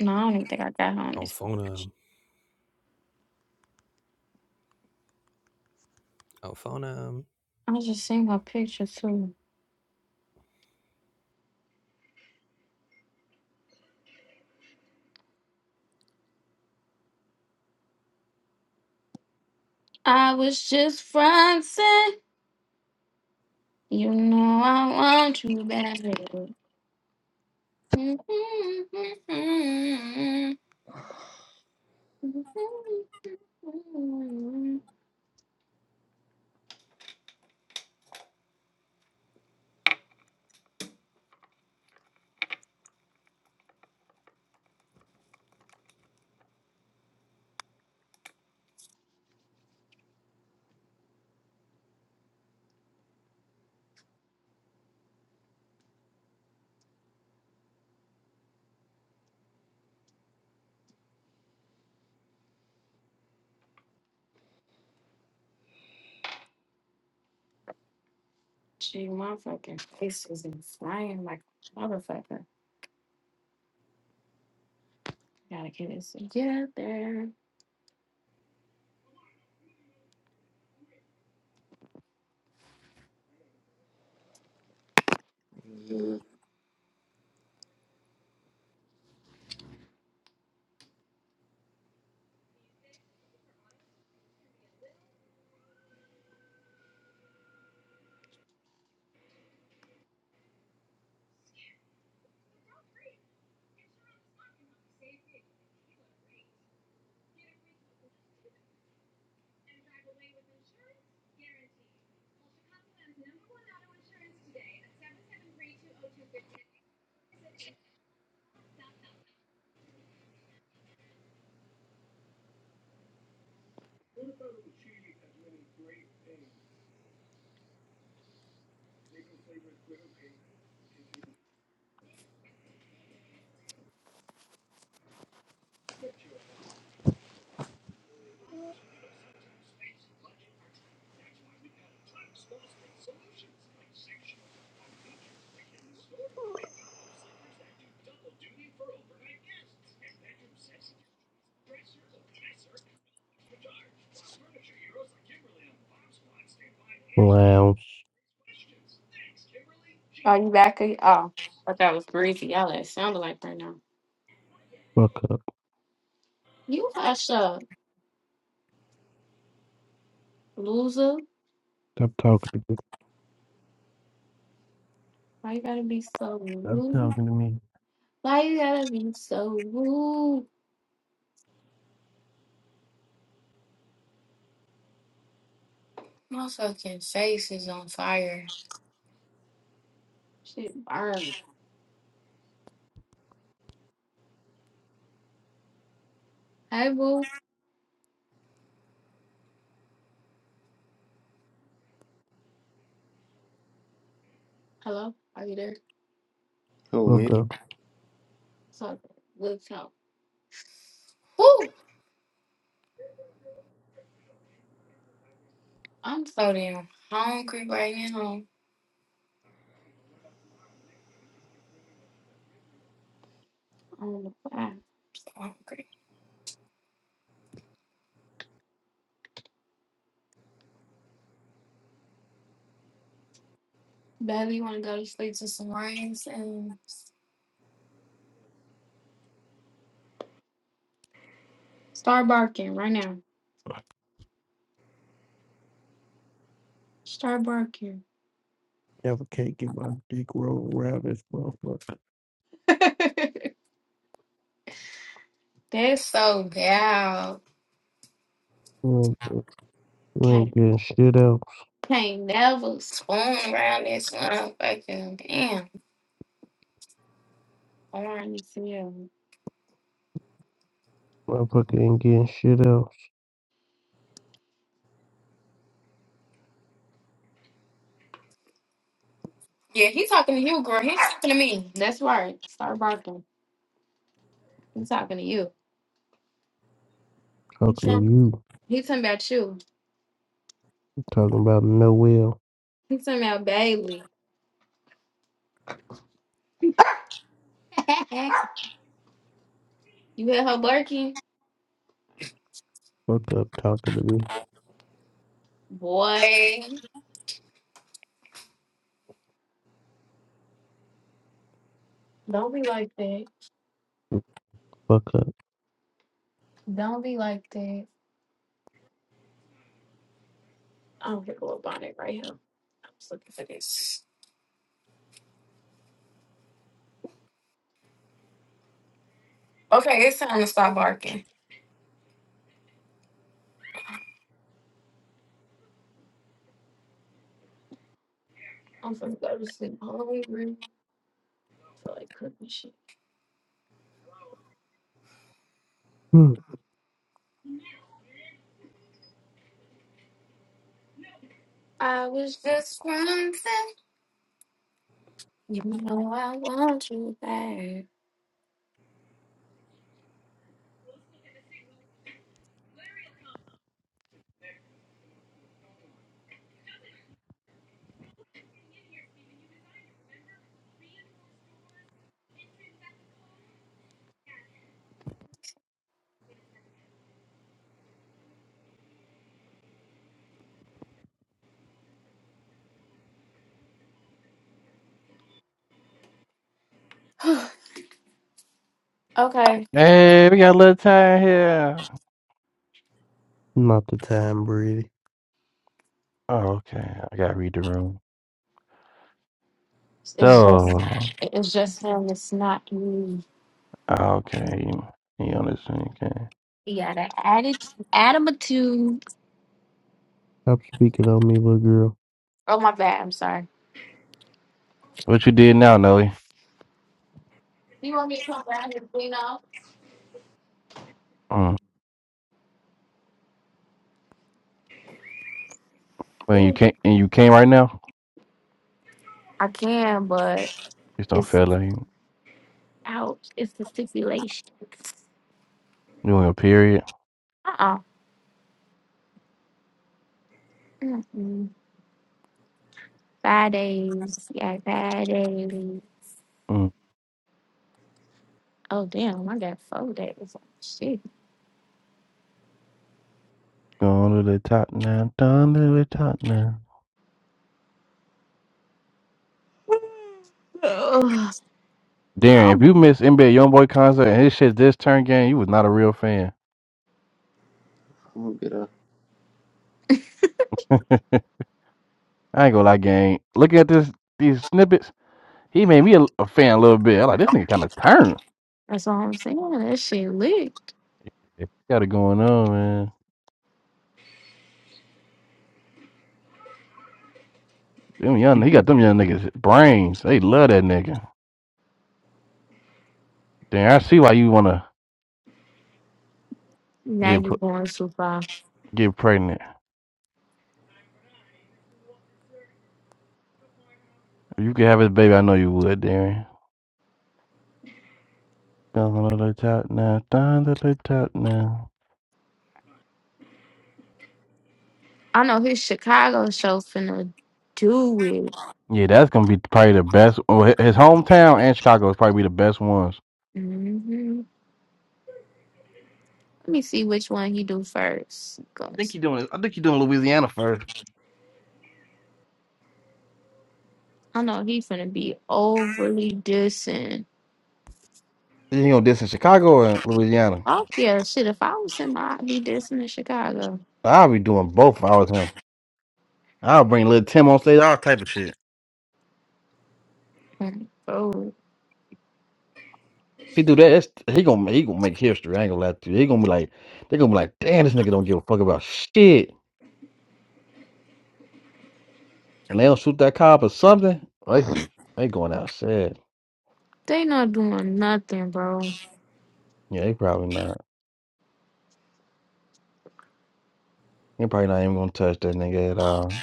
B: No, I don't even think I got her on
G: I'll
B: this
G: phone
B: page.
G: him. I'll phone him.
B: I was just seeing her picture too. I was just fronting. You know I want you back. Gee, my fucking face is inflamed like a motherfucker. Gotta get this together.
C: Lounge.
B: Are you back? ag- Oh, I thought that was breezy. Y'all, that sounded like right now.
C: Fuck up.
B: You hush up, loser.
C: Stop talking to me.
B: Why you gotta be so
C: Stop
B: rude?
C: talking to me.
B: Why you gotta be so rude? My fucking face is on fire. Shit burn. Hey, boo. Hello? Are you there?
A: Who,
C: Fuck
A: me?
C: up.
B: What's up? What's up? I'm so damn hungry right now. I'm I'm hungry. Baby, want to go to sleep to some rings and start barking right now. Start barking.
C: Never can't get my dick rolled around this motherfucker.
B: [laughs] That's so gal.
C: You ain't, you ain't
B: Can't,
C: getting shit else.
B: can't never spoon around this motherfucking damn orange as hell.
C: Motherfucker ain't getting shit else.
B: Yeah, he's talking to you, girl. He's talking to me. That's right. Start barking. He's talking to you. He's
C: Talking to
B: talking.
C: you.
B: He's talking about you.
C: Talking about Noel.
B: He's talking about Bailey. [laughs] you hear her barking?
C: Fuck up talking to me.
B: Boy, don't be like that.
C: Fuck up.
B: Don't be like that. I don't get a little bonnet right here. I'm just looking for this. Okay, it's time to stop barking. I'm finna go to sleep hungry. I feel like cooking shit.
C: Hmm.
B: I was just running. You know I want you back. [sighs] okay,
F: Hey, we got a little time here.
C: Not the time, Brady.
F: Oh okay. I gotta read the room.
B: it's just
F: So
B: it's just him. It's not me.
F: okay, you on this thing? Okay.
B: He got an attitude. Attitude.
C: Stop speaking on me, little
B: Oh my bad. I'm sorry.
F: What you did now, Nelly?
B: You want me to come down here and clean up?
F: Mm. When you
B: Ooh,
F: can't and you came right now?
B: I can, but.
F: Just don't
B: It's
F: feel like you
B: out. It's the stipulations.
F: doing a period.
B: Uh-uh. Mm-mm. Five days. Yeah, five days.
F: Mm.
B: Oh, damn. I got four days. Shit.
F: Going to the top now. Down to the top now.
B: Ugh.
F: Darren, if
B: Um,
F: you miss NBA YoungBoy concert and his shit this turn game, you was not a real fan.
A: I'm gonna get up.
F: [laughs] I ain't gonna lie, gang. Looking at this these snippets, he made me a, a fan a little bit. I'm like, this nigga kind of turned.
B: that's all I'm saying. That shit lit.
F: He Got it going on, man. Them young, he got them young niggas brains. They love that nigga. Darren, I see why you wanna
B: Now
F: get
B: you're
F: pr-
B: going too far.
F: get pregnant. If you could have his baby, I know you would, Darren. Down to the top now, down to the top now.
B: I know his Chicago show finna do it.
F: Yeah, that's gonna be probably the best. Well, hi- his hometown and Chicago is probably the best ones.
B: hmm Let me see which one he do first.
F: I think
B: Cause
F: you doing. I think you doing Louisiana first.
B: I know he finna be overly dissing.
F: Then you gonna diss in Chicago and Louisiana.
B: Oh yeah, shit. If I was in my, I'd be dancing in Chicago.
F: I'll be doing both if I was him. I'll bring little Tim on stage, all type of shit.
B: Mm, Bro,
F: If he do that, that's, he gonna he gonna make history. I ain't gonna lie to you. He gonna be like, they gonna be like, damn, this nigga don't give a fuck about shit. And they don't shoot that cop or something. They they going outside.
B: they not doing nothing, bro.
F: Yeah, they probably not. They probably not even gonna touch that nigga at all.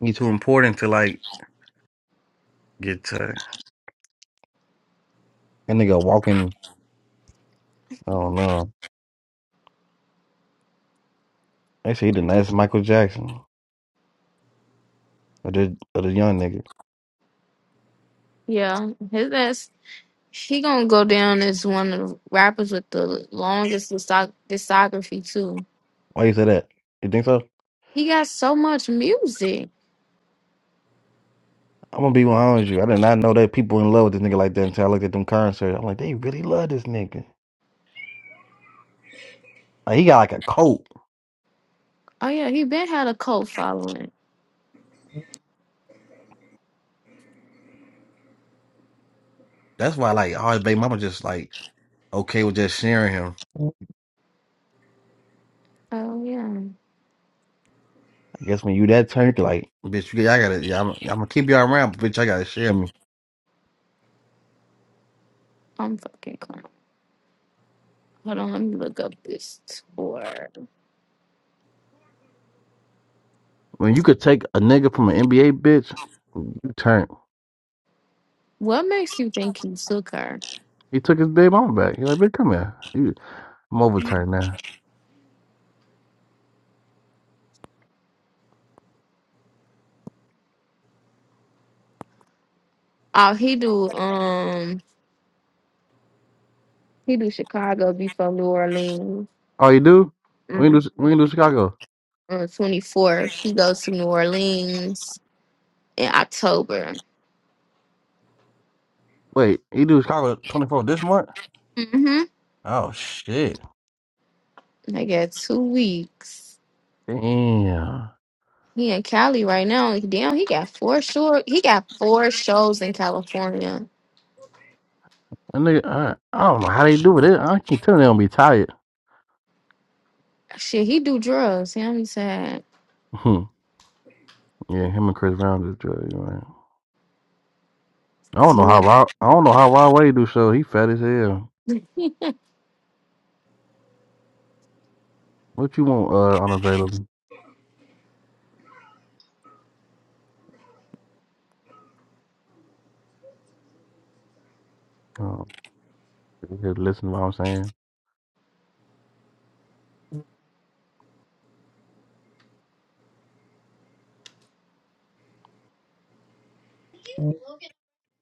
F: He too important to like get touched. That nigga walking. I don't know. They say he the nicest Michael Jackson or the or the young nigga.
B: Yeah, his ass. He gonna go down as one of the rappers with the longest discog- discography too.
F: Why you say that? You think so?
B: He got so much music.
F: I'm gonna be 100 with you. I did not know that people in love with this nigga like that until I looked at them currency. I'm like, they really love this nigga. Like he got like a cult.
B: Oh yeah, he been had a cult following.
F: That's why like all his baby mama just like okay with just sharing him.
B: Oh yeah,
F: I guess when you that turn, like, bitch, you, I gotta, yeah, I'm, I'm gonna keep y'all around, but bitch, I gotta share me.
B: I'm fucking clown. Hold on, let me look up this tour.
F: When you could take a nigga from an NBA bitch, you turn.
B: What makes you think he took her?
F: He took his baby mama back. He like, bitch, come here. You- I'm overturned now.
B: Oh, he do um, he do Chicago before New Orleans.
F: Oh, you do? We
B: Mm-hmm.
F: ain't do, we ain't do Chicago.
B: on the 24th. He goes to New Orleans in October.
F: Wait, he do Chicago 24 this month?
B: hmm
F: Oh shit.
B: They got two weeks.
F: Damn.
B: He in Cali right now. Damn, he got four short. He got four shows in California.
F: That nigga, I, I don't know how they do it. They- I keep telling they don't be tired. [laughs]
B: Shit, he do drugs. Damn, he sad.
F: Hmm. yeah, him and Chris Brown just drug you, man. I don't know how
B: Yeah.
F: Rod, I don't know how Rod Wave do show. He fat as hell. What you want, uh, unavailable? Oh, you here to listen to what I'm saying.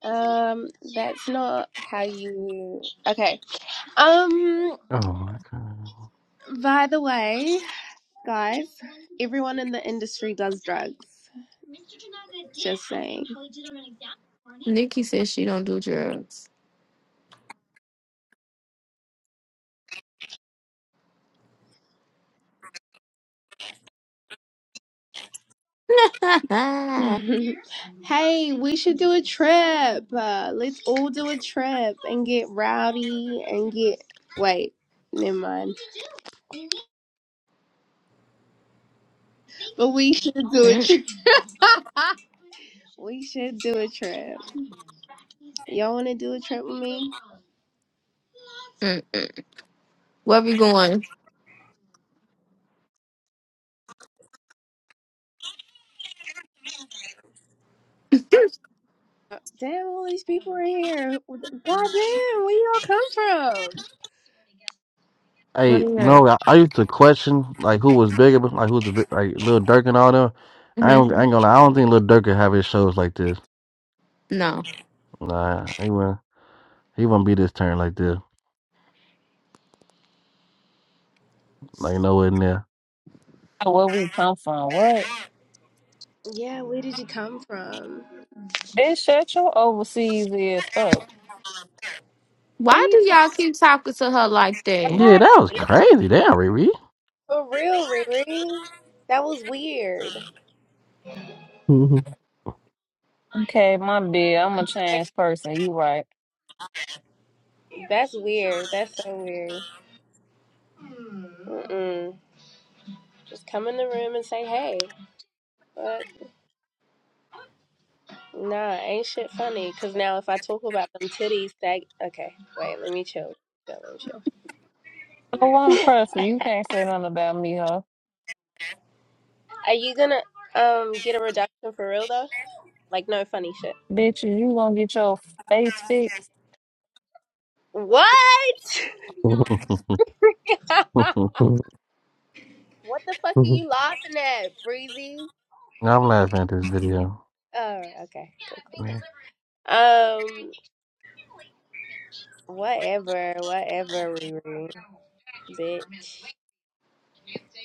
H: Um, that's not how you. Okay. Um,
F: Oh my god.
H: by the way, guys, everyone in the industry does drugs. Just saying.
B: Nikki says she don't do drugs. [laughs]
H: [laughs] hey, we should do a trip. Uh, let's all do a trip and get rowdy and get. Wait, never mind. But we should do a
B: Mm,
H: trip. [laughs] we should do a trip. Y'all want to do a trip with me?
B: mm, mm. Where we going?
H: Uh, Damn, all these people are here. God damn, where y'all come from?
B: What
F: Hey,
B: is that?
F: no, I, I used to question like who was bigger, but, like who's the big, like Lil Durk and all them. I
B: hmm
F: ain't, I ain't gonna. Lie, I don't think Lil Durk could have his shows like this.
B: No.
F: Nah, he wouldn't. He wouldn't be this turn like this. Like nowhere near.
I: Where we come from? What?
H: Yeah, where did you come from?
I: Bitch, shut your overseas ass up.
H: Who
B: Why do
H: you
B: y'all
H: talking to?
B: keep talking to her like that?
F: Yeah,
H: Right.
F: that was
H: Look,
F: crazy. Damn, Riri.
H: for real, Riri. That was weird.
I: Okay, my bad. I'm a
H: Hey,
I: changed person. You right.
H: That's weird. That's so weird. Mm-mm. Just come in the room and say, hey. But nah, ain't shit funny. Because now if I talk about them titties, that. Okay, wait, let me chill. Yeah, let me chill.
I: Oh, I'm pressure. You can't say nothing about me, huh?
H: Are you gonna um get a reduction for real though? Like, no funny shit.
I: Bitch, you gonna get your face fixed?
H: What?
F: [laughs]
H: [laughs]
F: [laughs]
H: what the fuck are you laughing at, Breezy?
F: I'm laughing at this video.
H: Oh, okay.
F: Yeah.
H: Um, whatever, whatever, Riri. Bitch,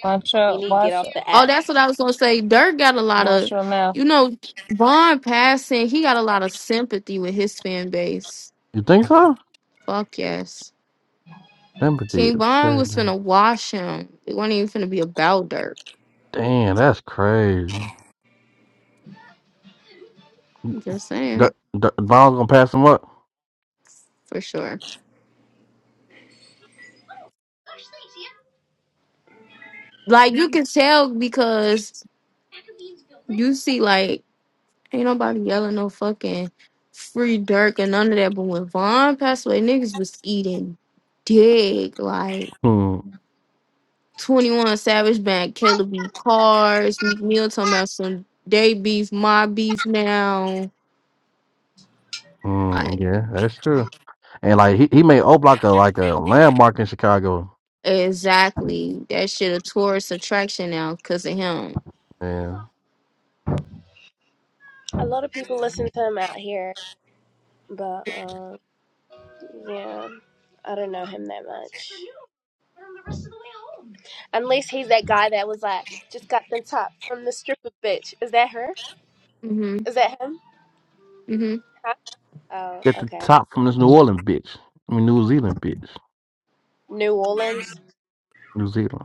I: Watch
H: you
I: your
H: need to get
I: watch
H: off
I: your
H: the
B: Oh,
H: app.
B: that's what I was gonna say. Dirk got a lot
I: watch
B: of,
I: your mouth.
B: you know, Vaughn passing. He got a lot of sympathy with his fan base.
F: You think so?
B: Fuck yes,
F: Sympathy
B: King
F: is
B: Vaughn was
F: crazy.
B: finna wash him. It wasn't even finna be about Dirk.
F: Damn, that's crazy.
B: Just
F: D-
B: saying,
F: D- Von gonna pass him up.
B: for sure. Like you can tell because you see, like, ain't nobody yelling no fucking free Dirk or none of that. But when Vaughn passed away, niggas was eating dick. like,
F: Hmm.
B: 21 Savage Bank, Caleb B. Cars, Meek Mill talking about some day beef, my beef now.
F: Hmm.
B: Like,
F: Yeah, that's true. And like he, he made O Block a like a landmark in Chicago.
B: exactly. That shit a tourist attraction now because of him.
F: Yeah.
H: A lot of people listen to him out here, but um, yeah, I don't know him that much. Unless he's that guy that was like, just got the top from the stripper bitch. Is that her?
B: hmm
H: Is that him?
B: hmm
H: Huh?
F: Get
H: Oh,
F: the
H: okay.
F: top from this New Orleans bitch. I mean New Zealand bitch.
H: New Orleans.
F: New Zealand.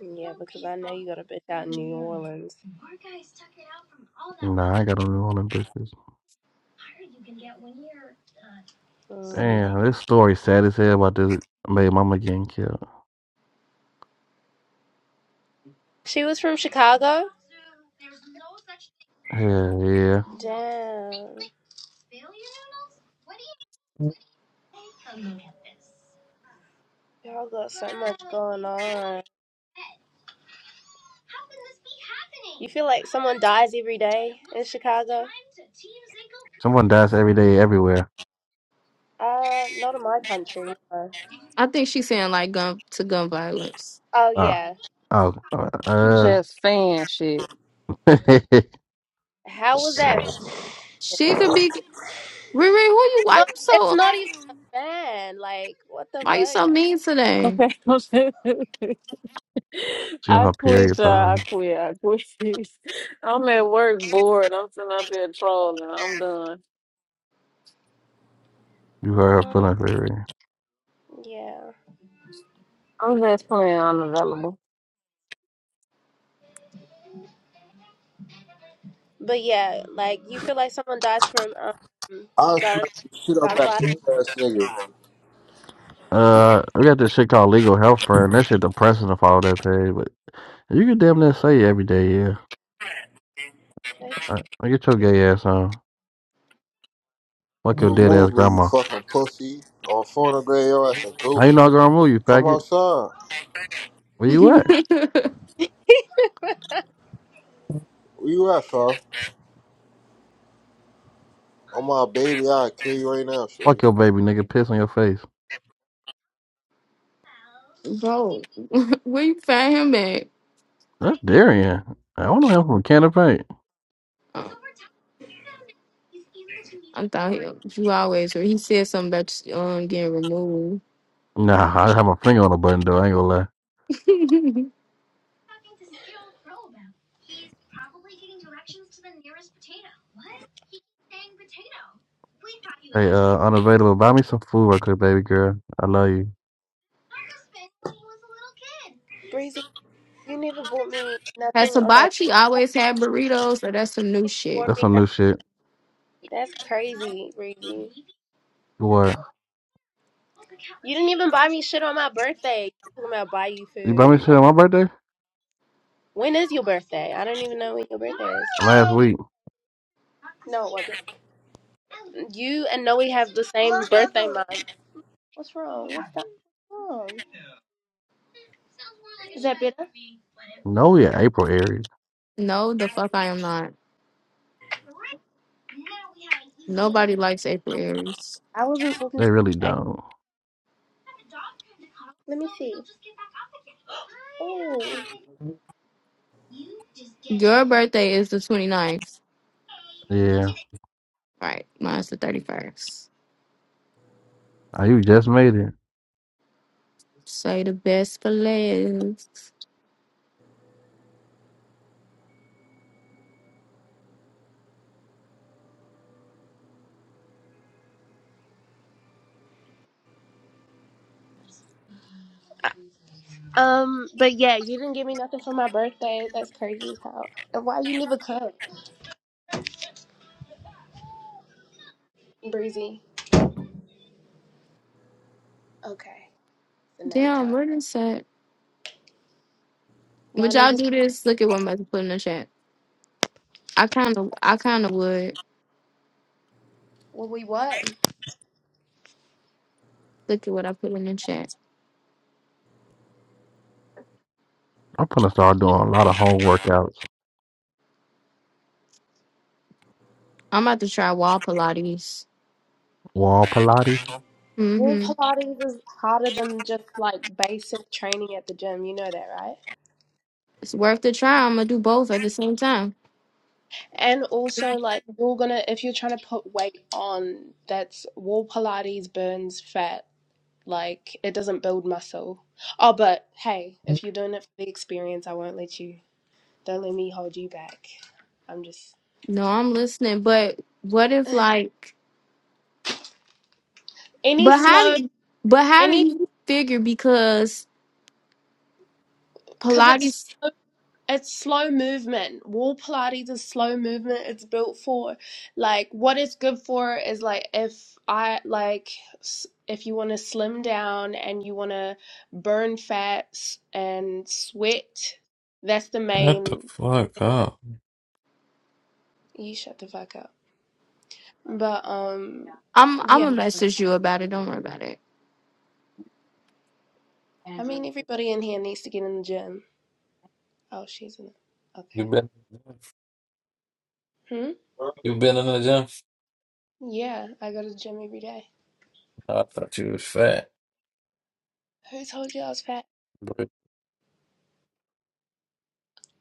H: Yeah, because I know you got a bitch out in New Orleans.
F: Nah, I ain't got no New Orleans bitches.
H: Mm.
F: Damn, this story sad as hell about this baby mama getting killed.
H: She was from Chicago?
F: Hell yeah.
H: Damn. Y'all got so much going on. You feel like someone dies every day in Chicago?
F: Someone dies every day everywhere.
H: Uh, not in my country. no.
B: I think she's saying like gun to gun violence.
H: Oh
F: Ah.
H: yeah.
F: Oh, uh,
I: Just fan shit.
F: [laughs]
H: How was
B: Sh-
H: that?
B: She
H: fair?
B: could be Riri, who you why
H: No,
B: you so
H: it's not even a
B: um
H: fan. Like, what the
B: why you
H: fuck?
B: so mean today?
I: Okay. [laughs]
F: she on
I: I
F: her [laughs]
I: quit,
F: period,
I: y'all. I
F: probably.
I: quit. I quit. [laughs] I'm at work bored. I'm sitting up here trolling. I'm done.
F: You heard her
H: Um,
F: feeling period.
H: yeah.
I: I'm just playing unavailable.
H: But yeah, like you feel like someone dies from um
J: I'll
H: gun
J: smack the shit out
H: gun
J: that
H: violence.
J: bitch ass nigga.
F: Uh, we got this shit called legal health friend. That shit depressing to follow that page, but you can damn near say it every day, yeah.
H: That's
F: Uh, get your
H: crazy.
F: gay ass on. Fuck
C: girl.
F: your dead ass
J: Remove me, you
F: grandma.
J: fucking pussy. Or phone and grab your ass and
F: How you know
J: goofy.
F: grandma, you
J: Come
F: faggot?
J: outside.
F: Where
B: [laughs]
F: you at?
J: Where you at, fam? On my baby, I'll kill you right now, shorty.
F: Fuck your baby, nigga. Piss on your face.
B: Bro, where you find him at?
F: That's Darian. I don't know him from Canada Paint.
B: Oh, I'm down here. You always or he said something about um getting removed.
F: Nah, I have my finger on the button, though. I ain't gonna lie.
B: [laughs]
F: Hey, uh, unavailable. Buy me some food real quick, baby girl. I love you.
H: Breezy, you never bought me
B: Has
H: nothing on my
B: Hibachi
H: birthday.
B: always had burritos, or that's some new shit?
H: Bought
F: That's
H: me
F: some new
H: nothing.
F: shit.
H: That's crazy, Breezy.
F: What?
H: You didn't even buy me shit on my birthday. You talking about buy you
F: You buy
H: food.
F: me shit
H: Like,
F: on my birthday?
H: when is your birthday? I don't even know when your birthday
F: Last
H: is.
F: week.
H: No, it wasn't. You and Noe have the same birthday month. What's wrong? What's that wrong? Is that better?
F: No, yeah, April, Aries.
B: No, the fuck I am not. Nobody likes April Aries.
H: I wasn't talking to
F: They really
H: you. I-
F: don't.
H: Let me see. Oh.
B: Your birthday is the 29th.
F: Yeah.
B: Right, mine's the 31st.
F: Oh, you just made it.
B: Say the best for last.
H: Uh, Um, but yeah, you didn't give me nothing for my birthday. That's crazy as hell. And why you never come, Breezy? Okay, so now you
B: Damn,
H: can
B: where is that?
H: Now
B: Would y'all
H: niggas
B: do
H: come.
B: this? Look at what I'm about to put in the chat. I kind of, I kind of would.
H: Well, we what?
B: Look at what I put in the chat.
F: I'm gonna start doing a lot of home workouts.
B: I'm about to try wall Pilates.
F: Wall Pilates?
H: Well,
B: Mm-hmm.
H: Pilates is harder than just like basic training at the gym. You know that, right?
B: It's worth the try. I'm gonna do both at the same time.
H: And also, like, you're gonna, if you're trying to put weight on, that's wall Pilates burns fat. Like, it doesn't build muscle. Oh, but hey,
C: [laughs]
H: if you're doing it for the experience, I won't let you. Don't let me hold you back. I'm just
B: No, I'm listening. But what if like
H: any
B: But how
H: slow
B: do you, but how do
H: any
B: you figure because
H: because it's
B: Pilates
H: it's slow movement. Wall Pilates is slow movement. It's built for like what it's good for is like if I like s- if you want to slim down and you want to burn fats and sweat. That's the
K: Shut the
H: main.
K: fuck up.
H: You shut the fuck up. But um,
B: I'm I'm
H: yeah.
B: gonna message you about it, don't worry about it.
H: I mean, everybody in here needs to get in the gym. Oh, she's in.
K: You
H: Okay.
K: been
H: Hmm.
K: you been in the gym?
H: Yeah, I go to the gym every day.
K: I thought you was fat.
H: Who told you I was fat?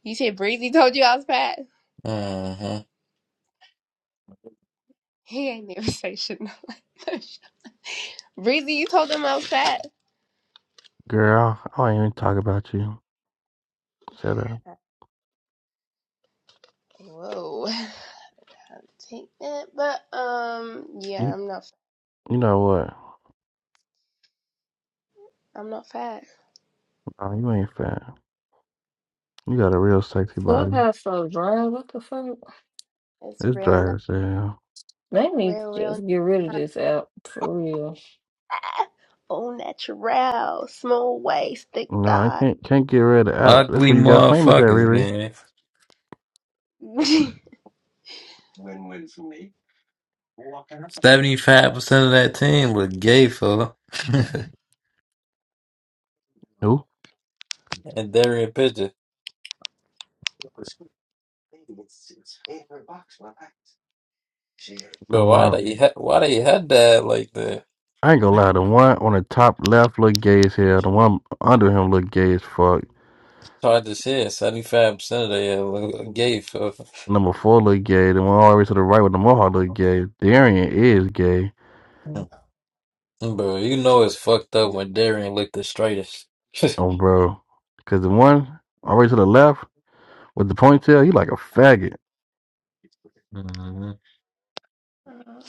H: You said Breezy told you I was fat.
K: Mm-hmm.
H: He ain't never [laughs] say shit no like that. Breezy, you told him I was fat.
F: Girl, I ain't even talk about you. Shut up.
H: Whoa, I'll take that. But um, yeah,
F: You
H: I'm not.
F: you know what?
H: I'm not fat.
F: No, you ain't fat. You got a real sexy body.
I: Clubhouse so dry. What the fuck?
H: It's
F: It's
H: real,
F: dry
H: not
F: as hell.
I: They need
H: real,
I: to
H: real.
I: just get rid of
H: Not.
I: this app for real.
H: Ah, [laughs] All natural, small waist, thick
F: No, I
H: thigh. [laughs]
F: can't can't get rid of the app. That's
K: Ugly
F: where you got famous at,
K: motherfuckers,
F: Riri.
K: gang. Seventy-five percent of that team was gay, fella. [laughs]
F: Who?
K: and Darian Pidgeot.
F: The
K: But why
F: one
K: they ha- why they had that like the
F: I ain't gonna lie, the one on the top left look gay as hell. The one under him look gay as fuck.
K: Chargers here? Seventy-five percent of they were gay, fella. [laughs]
F: Number four look gay. The one all the way to the right with the mohawk look gay. Darian is gay.
K: Bro, you know it's fucked up when Darian looked the straightest.
F: Oh, bro. Because the one all the way to the left with the ponytail, he like a faggot.
K: [laughs]
H: Uh,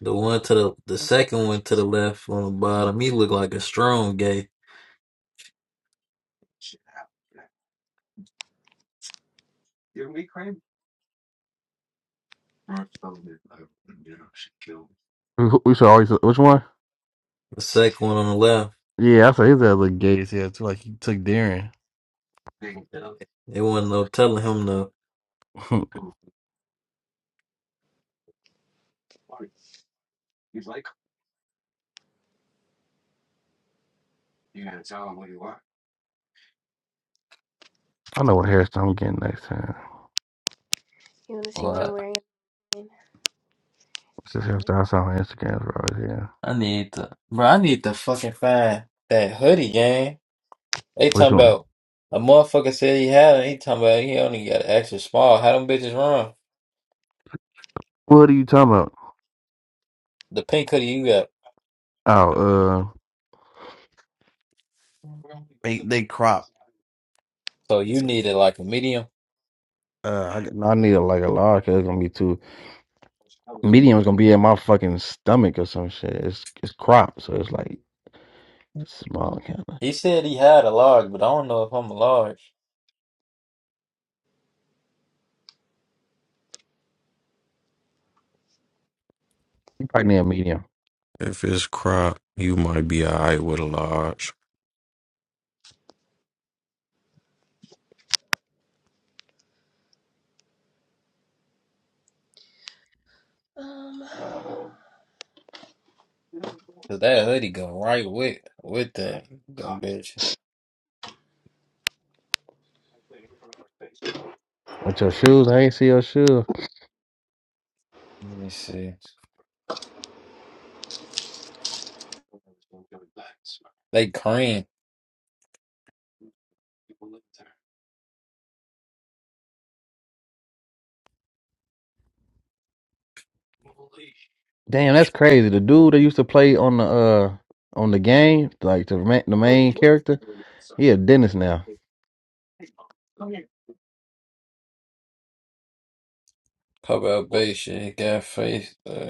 K: The one to the the second one to the left on the bottom, he looked like a strong gay.
F: Who- who- We should always, which one?
K: The second one on the left,
F: Yeah, I said his ass look gay as hell, too. Like he took Darren.
K: it wasn't no telling him no.
F: [laughs] I know what hairstyle I'm getting next time.
H: you want to see what I'm
K: What?
H: wearing?
F: It's this hairstyle I saw on Instagram, bro. Yeah.
K: I need to, bro. I need to fucking find that hoodie, gang. They
F: Which
K: talking
F: one?
K: about a motherfucker said he had it. He talking about he only got an extra small. How them bitches run?
F: What are you talking about?
K: The pink hoodie you got,
F: Oh, uh, they, they crop.
K: so you needed like a medium.
F: Uh, I, I need a, like a large. 'cause It's gonna be too. Medium is gonna be in my fucking stomach or some shit. It's it's cropped, so it's like it's small kind of.
K: He said he had a large, but I don't know if I'm a large
F: You probably need a medium.
L: If it's crop, you might be alright with a large.
H: Um,
K: because that hoodie go right with with that them bitches.
F: With your shoes, I ain't see your shoes.
K: Let me see. They cream.
F: Damn, that's crazy. The dude that used to play on the uh on the game, like the ma- the main character, he a dentist now.
K: How about Beisha? He got faith. Uh,